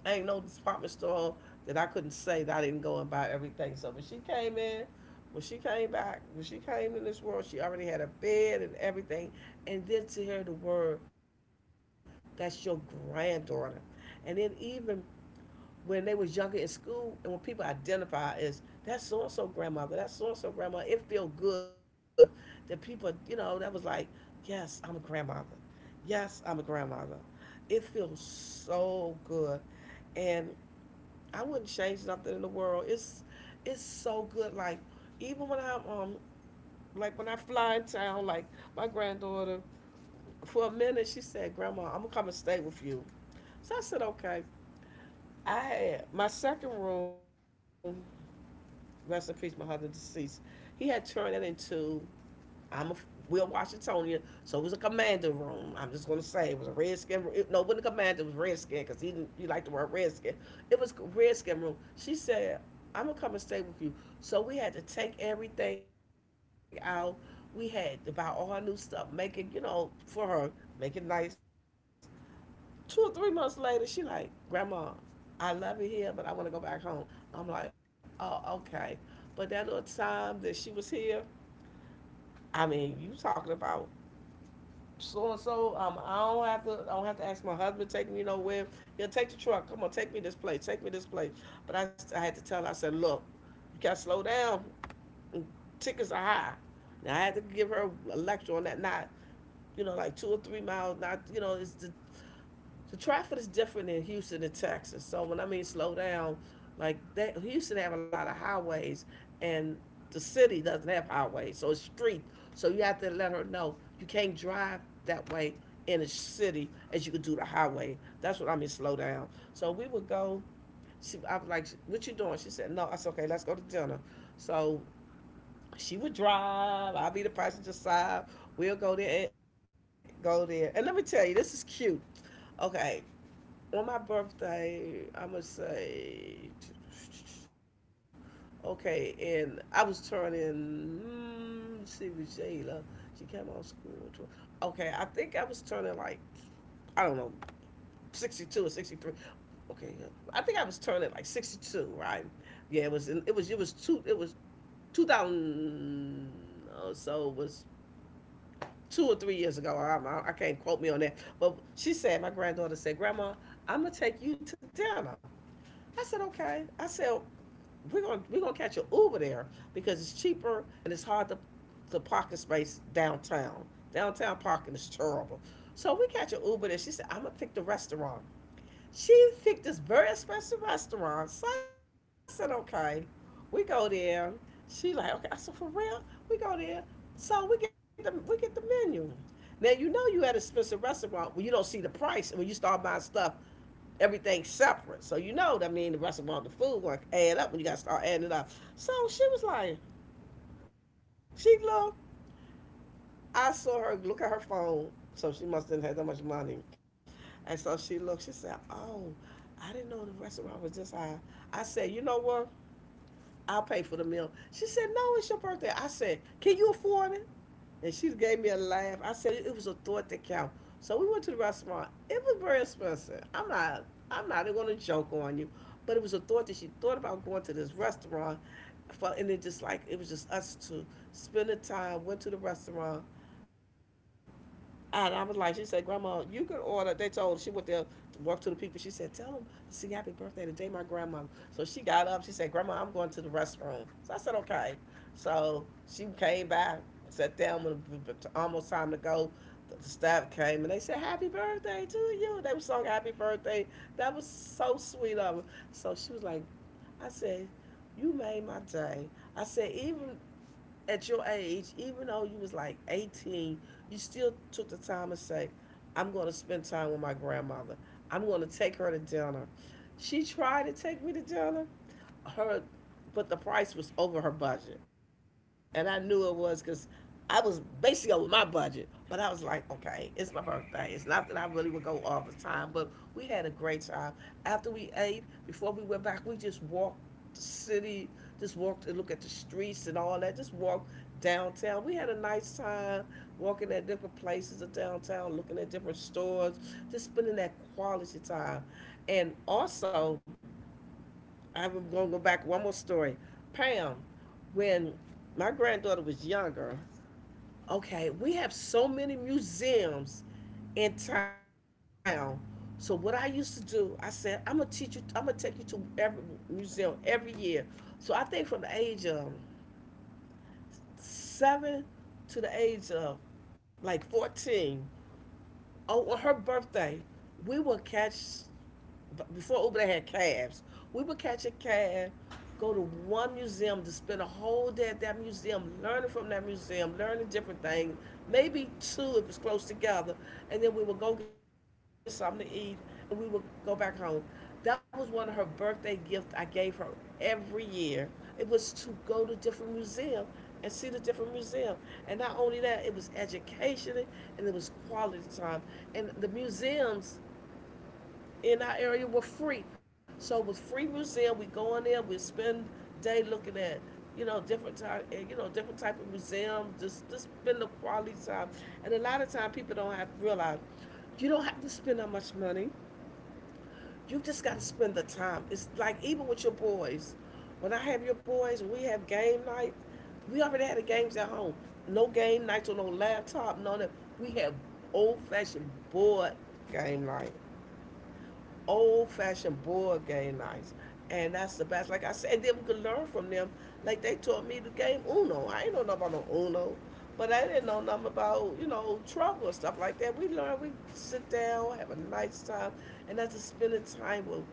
Speaker 2: I ain't no department store that I couldn't say that I didn't go and buy everything. So when she came in, when she came back, when she came in this world, she already had a bed and everything. And then to hear the word, that's your granddaughter. And then even when they was younger in school and when people identify as that so and so grandmother, that so and so grandma, it feel good that people, you know, that was like, yes, I'm a grandmother. Yes, I'm a grandmother. It feels so good, and I wouldn't change nothing in the world. It's so good. Like even when I'm like when I fly in town, like my granddaughter, for a minute she said, "Grandma, I'm gonna come and stay with you." So I said, "Okay." I had my second room, rest in peace, my husband deceased. He had turned that into, I'm a Will Washingtonian, so it was a commander room. I'm just gonna say it was a redskin room. No, it wasn't a commander. It was redskin because he didn't. You like the word redskin. It was redskin room. She said, "I'm gonna come and stay with you." So we had to take everything out. We had to buy all her new stuff, make it for her, make it nice 2 or 3 months later, she like, Grandma, I love it here, but I want to go back home. I'm like, oh, okay. But that little time that she was here, I mean, you talking about so and so. I don't have to. I don't have to ask my husband to take me nowhere. He'll take the truck. Come on, take me this place. Take me this place. But I had to tell her. I said, look, you got to slow down. Tickets are high. Now I had to give her a lecture on that. Not like 2 or 3 miles. Not it's the So Trafford is different than Houston and Texas. So when I mean slow down, like that, Houston have a lot of highways, and the city doesn't have highways, so it's street. So you have to let her know you can't drive that way in a city as you could do the highway. That's what I mean slow down. So we would go. She, I was like, "What you doing?" She said, "No." I said, "Okay, let's go to dinner." So she would drive. I'll be the passenger side. We'll go there. Go there. And let me tell you, this is cute. Okay, on my birthday, I'm gonna say, okay, and I was turning. Let's see with Jayla, she came out of school. Okay, I think I was turning like I don't know, 62 or 63. Okay, yeah. I think I was turning like 62, right? Yeah, it was. In, it was. It was two. It was 2000. Or so it was 2 or 3 years ago. I can't quote me on that, but she said my granddaughter said, "Grandma, I'm gonna take you to dinner." I said, okay. I said, we're gonna catch an Uber there because it's cheaper and it's hard to parking space downtown. Downtown parking is terrible. So we catch an Uber there. She said, I'm gonna pick the restaurant. She picked this very expensive restaurant. So I said, okay. We go there. She like, okay. I said, for real? We go there. So we get the menu. Now you know you at an expensive restaurant when you don't see the price and when you start buying stuff everything separate. So you know, I mean, the restaurant, the food won't add up when you got to start adding it up. So she was like, she looked. I saw her look at her phone. So she must have had that much money. And so she looked. She said, "Oh, I didn't know the restaurant was this high." I said, "You know what? I'll pay for the meal." She said, "No, it's your birthday." I said, "Can you afford it?" And she gave me a laugh. I said it was a thought that count. So we went to the restaurant. It was very expensive. I'm not. I'm not going to joke on you, but it was a thought that she thought about going to this restaurant, for, and it just like it was just us two spending time. Went to the restaurant and I was like, she said, Grandma, you could order. They told her. She went there to work to the people. She said, tell them, see, happy birthday today, my grandmother." So she got up. She said, Grandma, I'm going to the restroom. So I said, okay. So she came back, sat down when it was almost time to go. The staff came and they said, happy birthday to you. They were song happy birthday. That was so sweet of them. So she was like, I said, you made my day. I said, even at your age, even though you was like 18, you still took the time to say, I'm going to spend time with my grandmother. I'm going to take her to dinner. She tried to take me to dinner, her, but the price was over her budget, and I knew it was because I was basically over my budget. But I was like, okay, it's my birthday. It's not that I really would go all the time, but we had a great time. After we ate, before we went back, we just walked the city, just walked and looked at the streets and all that. Just walked downtown. We had a nice time walking at different places of downtown, looking at different stores, just spending that quality time. And also, I'm gonna go back one more story. Pam, when my granddaughter was younger,
Speaker 1: Yes.
Speaker 2: okay, we have so many museums in town. So what I used to do, I said, I'm gonna teach you. I'm gonna take you to every museum every year. So I think from the age of seven to the age of like 14, oh, on her birthday, we would catch before Uber, they had cabs. We would catch a cab, go to one museum to spend a whole day at that museum, learning from that museum, learning different things, maybe two if it's close together, and then we would go get something to eat, and we would go back home. That was one of her birthday gifts I gave her every year. It was to go to different museums and see the different museum. And not only that, it was educational and it was quality time. And the museums in our area were free. So it was free museum. We go in there, we spend day looking at, different type, different type of museums. Just spend the quality time. And a lot of time people don't have to realize you don't have to spend that much money. You just got to spend the time. It's like even with your boys. When I have your boys, we have game night. We already had the games at home. No game nights on no laptop, none of that. We have old fashioned board game night old fashioned board game nights. And that's the best. Like I said, then we could learn from them. Like they taught me the game Uno. I ain't know nothing about no Uno. But I didn't know nothing about, you know, Trump or stuff like that. We learn, we sit down, have a nice time, and that's just spending time with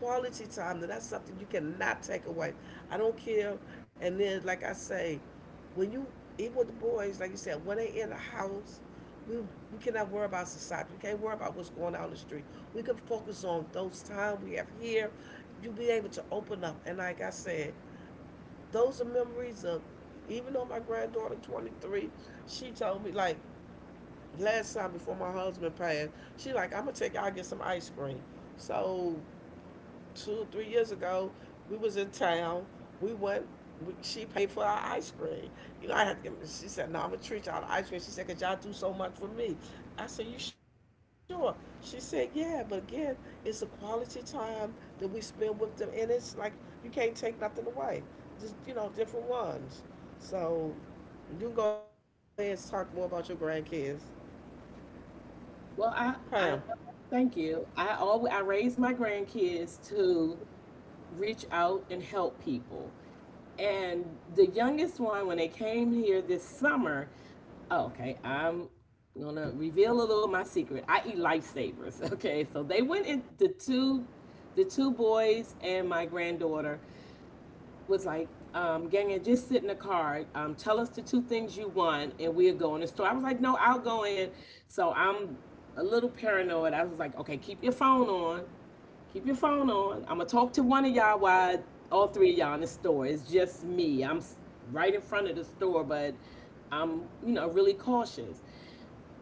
Speaker 2: quality time. And that's something you cannot take away. I don't care. And then, like I say, when you, even with the boys, like you said, when they in the house, we cannot worry about society. We can't worry about what's going on in the street. We can focus on those time we have here. You be able to open up. And like I said, those are memories of, even though my granddaughter 23, she told me like last time before my husband passed, she like, I'm gonna take y'all get some ice cream. So two, 3 years ago, we was in town. We went. We, she paid for our ice cream. You know, I had to. Give, me, she said, "No, I'm gonna treat y'all to ice cream." She said, "Cause y'all do so much for me." I said, "You sure?" She said, "Yeah." But again, it's a quality time that we spend with them, and it's like you can't take nothing away. Just you know, different ones. So you can go ahead and talk more about your grandkids,
Speaker 1: Well,
Speaker 2: Pam.
Speaker 1: I, I thank you. I always, I raise my grandkids to reach out and help people. And the youngest one, when they came here this summer, oh, okay, I'm gonna reveal a little of my secret. I eat lifesavers. *laughs* Okay, so they went in the two boys and my granddaughter was like, Ganya, just sit in the car. Tell us the two things you want, and we'll go in the store. I was like, no, I'll go in. So I'm a little paranoid. I was like, okay, keep your phone on. Keep your phone on. I'm gonna talk to one of y'all while all three of y'all in the store. It's just me. I'm right in front of the store, but I'm, you know, really cautious.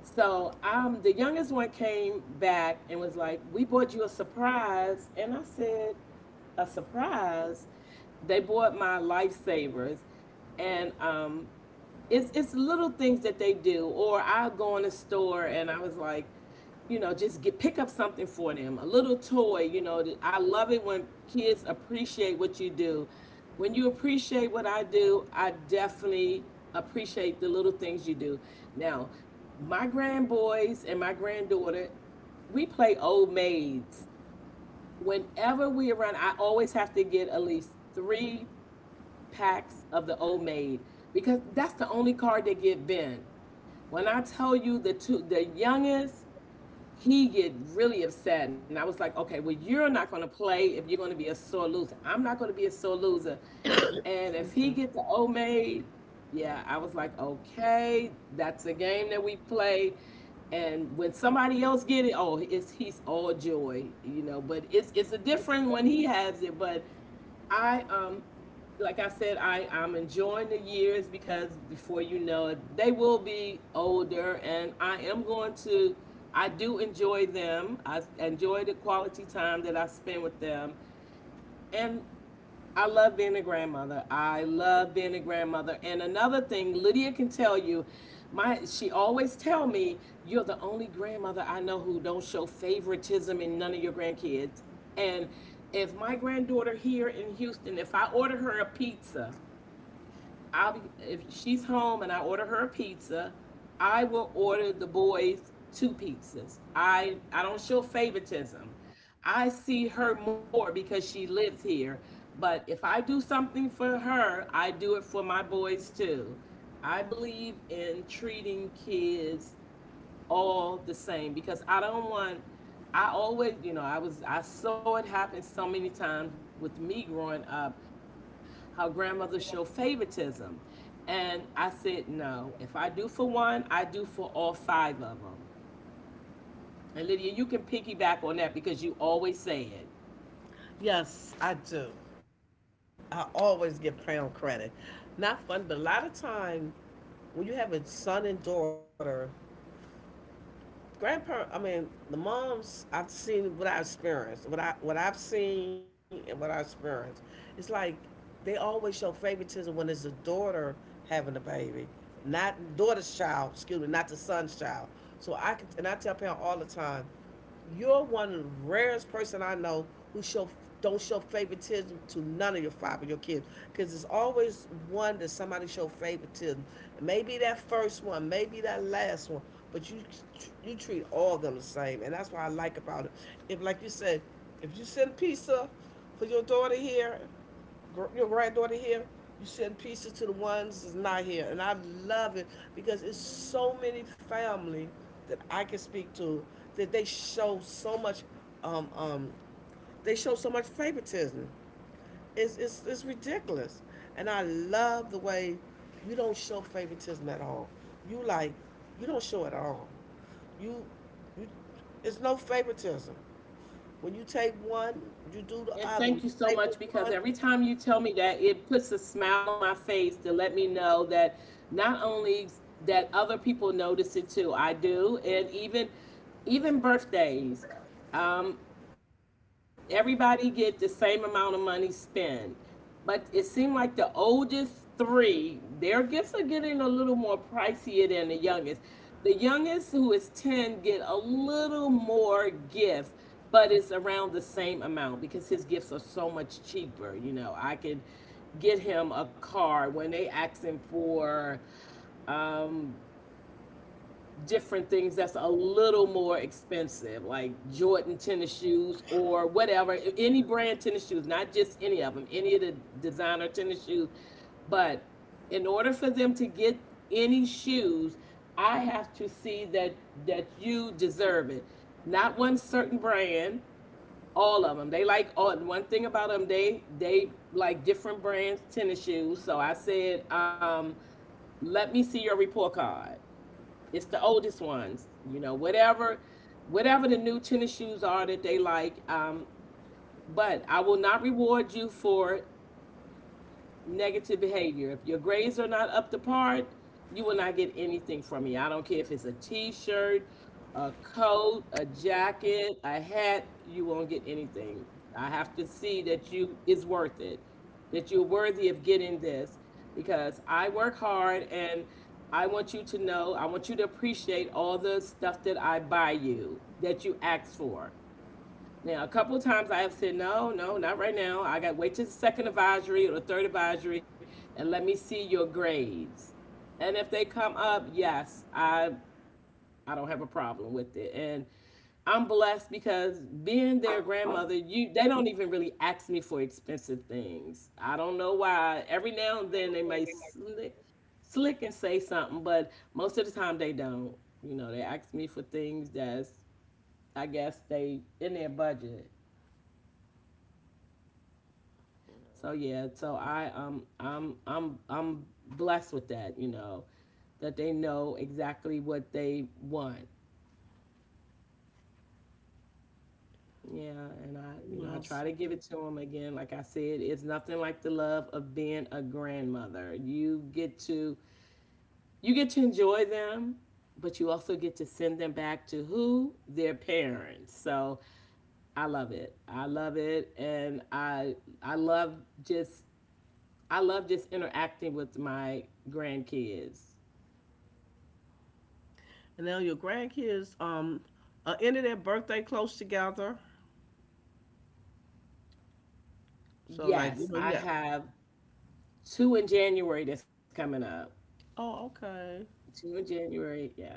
Speaker 1: So the youngest one came back and was like, "We bought you a surprise," and I said, "A surprise?" They bought my lifesavers, and it's little things that they do. Or I go in a store and I was like, you know, just get, pick up something for them, a little toy. You know, I love it when kids appreciate what you do. When you appreciate what I do, I definitely appreciate the little things you do. Now, my grandboys and my granddaughter, we play old maids. Whenever we are around, I always have to get at least three packs of the old maid because that's the only card they get bent. When I tell you the two, the youngest, he get really upset, and I was like, okay, well, you're not gonna play if you're gonna be a sore loser. I'm not gonna be a sore loser, and if he gets the old maid, yeah, I was like, okay, that's a game that we play. And when somebody else get it, oh, it's he's all joy, you know. But it's a different when he has it. But I like I said, I'm enjoying the years because before you know it, they will be older, and I am going to, I do enjoy them. I enjoy the quality time that I spend with them. And I love being a grandmother. I love being a grandmother. And another thing, Lydia can tell you, my, she always tell me, you're the only grandmother I know who don't show favoritism in none of your grandkids. And if my granddaughter here in Houston, if I order her a pizza, I'll be, if she's home and I order her a pizza, I will order the boys two pizzas. I don't show favoritism. I see her more because she lives here, but if I do something for her, I do it for my boys too. I believe in treating kids all the same because I don't want, I always, you know, I was, I saw it happen so many times with me growing up how grandmothers show favoritism. And I said, no, if I do for one, I do for all five of them. And Lydia, you can piggyback on that because you always say it.
Speaker 2: Yes, I do. I always give Crown credit. Not fun, but a lot of time when you have a son and daughter, grandparent. I mean, the moms. I've seen what I experienced, what I've seen, and what I experienced. It's like they always show favoritism when it's a daughter having a baby, not daughter's child. Excuse me, not the son's child. So I can, and I tell parents all the time you're one of the rarest person I know who show don't show favoritism to none of your five of your kids because there's always one that somebody show favoritism. Maybe that first one, maybe that last one, but you treat all of them the same, and that's what I like about it. If like you said, if you send pizza for your daughter here your granddaughter here, you send pieces to the ones that's not here. And I love it because it's so many family that I can speak to that they show so much um, um, they show so much favoritism. It's ridiculous. And I love the way you don't show favoritism at all. You like you don't show it at all. You you it's no favoritism. When you take one, you do the
Speaker 1: And
Speaker 2: other. When
Speaker 1: thank you
Speaker 2: you
Speaker 1: so
Speaker 2: take from
Speaker 1: much because
Speaker 2: one, you
Speaker 1: every time you tell me that, it puts a smile on my face to let me know that not only that other people notice it too. I do, and even, even birthdays. Um, everybody get the same amount of money spent. But it seemed like the oldest three, their gifts are getting a little more pricier than the youngest. The youngest, who is 10, get a little more gifts, but it's around the same amount because his gifts are so much cheaper. You know, I could get him a car when they asking for um, different things that's a little more expensive, like Jordan tennis shoes or whatever, any brand tennis shoes, not just any of them, any of the designer tennis shoes. But in order for them to get any shoes, I have to see that, that you deserve it. Not one certain brand, all of them. They like all. One thing about them, they like different brands tennis shoes. So I said, let me see your report card. It's the oldest ones, you know, whatever, whatever the new tennis shoes are that they like. But I will not reward you for negative behavior. If your grades are not up to par, you will not get anything from me. I don't care if it's a t-shirt, a coat, a jacket, a hat, you won't get anything. I have to see that you is worth it. That you're worthy of getting this because I work hard and I want you to know, I want you to appreciate all the stuff that I buy you, that you ask for. Now, a couple of times I have said, no, no, not right now. I got to wait till the second advisory or the third advisory and let me see your grades. And if they come up, yes, I don't have a problem with it. And I'm blessed because being their grandmother, you, they don't even really ask me for expensive things. I don't know why. Every now and
Speaker 2: do
Speaker 1: then they
Speaker 2: the
Speaker 1: may
Speaker 2: other.
Speaker 1: slick, slick and say something, but most of the time they don't. You know, they ask me for things that's, I guess they in their budget. So yeah, so I I'm blessed with that, you know, that they know exactly what they want. Yeah, and I, you know, I try
Speaker 2: Yes.
Speaker 1: to give it to them again. Like I said, it's nothing like the love of being a grandmother. You get to, you get to enjoy them, but you also get to send them back to who their parents. So I love it. I love it, and I love just, I love just interacting with my grandkids.
Speaker 2: And now your grandkids ended their birthday close together. So like you
Speaker 1: Yes,
Speaker 2: know you
Speaker 1: I
Speaker 2: got
Speaker 1: have two in January that's coming up.
Speaker 2: oh okay
Speaker 1: Two in January, yeah.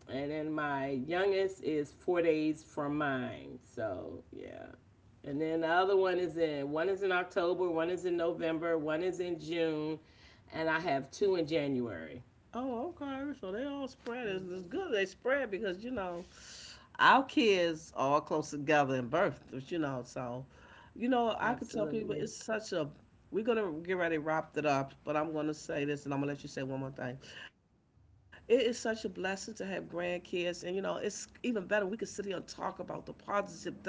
Speaker 1: And then my youngest is 4 days from mine. So, yeah. And then the other one is in October, one is in November, one is in June, and I have two in January.
Speaker 2: oh okay so they all spread it's
Speaker 1: Mhm.
Speaker 2: good they spread because you know our kids are all close together in birth you know so you know I could tell people
Speaker 1: Absolutely.
Speaker 2: it's such a we're gonna get ready to wrap it up but I'm gonna say this and I'm gonna let you say one more thing it is such a blessing to have grandkids and you know it's even better when we can sit here and talk about the positive thing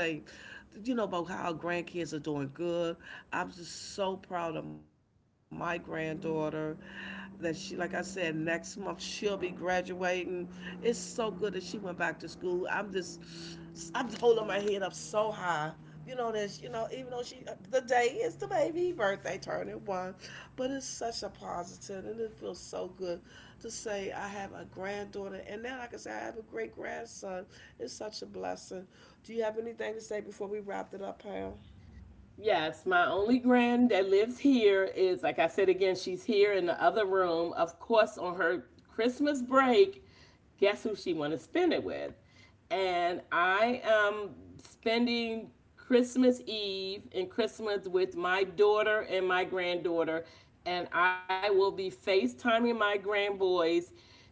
Speaker 2: you know, about how our grandkids are doing good. I'm just so proud of my granddaughter that she, like I said, next month she'll be graduating. It's so good that she went back to school. I'm just, I'm holding my head up so high you know this you know even though she the day is the baby birthday turning one but it's such a positive and it feels so good to say I have a granddaughter and now like I can say I have a great grandson it's such a blessing do you have anything to say before we wrap it up Pam
Speaker 1: Yes, my only grand that lives here is, like I said again, she's here in the other room. Of course, on her Christmas break, guess who she want to spend it with? And I am spending Christmas Eve and Christmas with my daughter and my granddaughter. And I will be FaceTiming my grandboys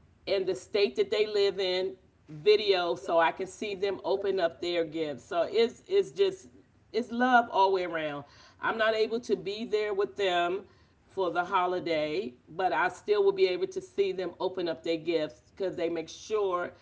Speaker 1: in the state that they live in, video so I can see them open up their gifts. So it's just, it's love all the way around. I'm not able to be there with them for the holiday, but I still will be able to see them open up their gifts because they make sure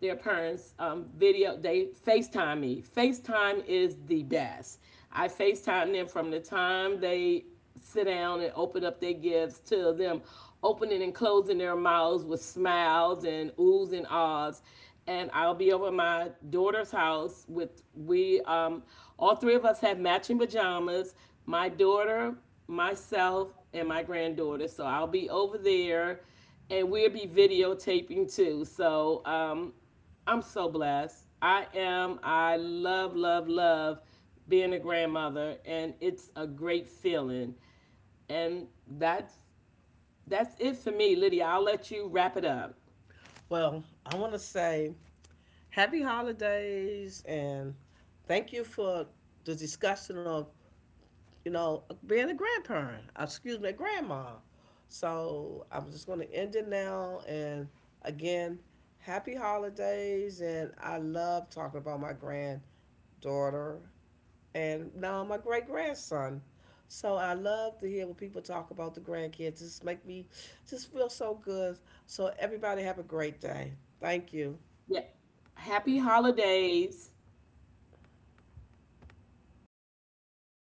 Speaker 1: their parents video, they FaceTime me. FaceTime is the best. I FaceTime them from the time they sit down and open up their gifts to them opening and closing their mouths with smiles and oohs and ahs. And I'll be over at my daughter's house with, we all three of us have matching pajamas, my daughter, myself, and my granddaughter. So I'll be over there, and we'll be videotaping too. So I'm so blessed. I am. I love, love, love being a grandmother, and it's a great feeling. And that's it for me, Lydia. I'll let you wrap it up.
Speaker 2: well I want to say happy holidays and thank you for the discussion of you know, being a grandparent, excuse me, grandma. So I'm just going to end it now. And again, happy holidays. And I love talking about my granddaughter and now my great grandson. So I love to hear when people talk about the grandkids. Just make me just feel so good. So everybody have a great day. Thank you.
Speaker 1: Yeah. Happy holidays.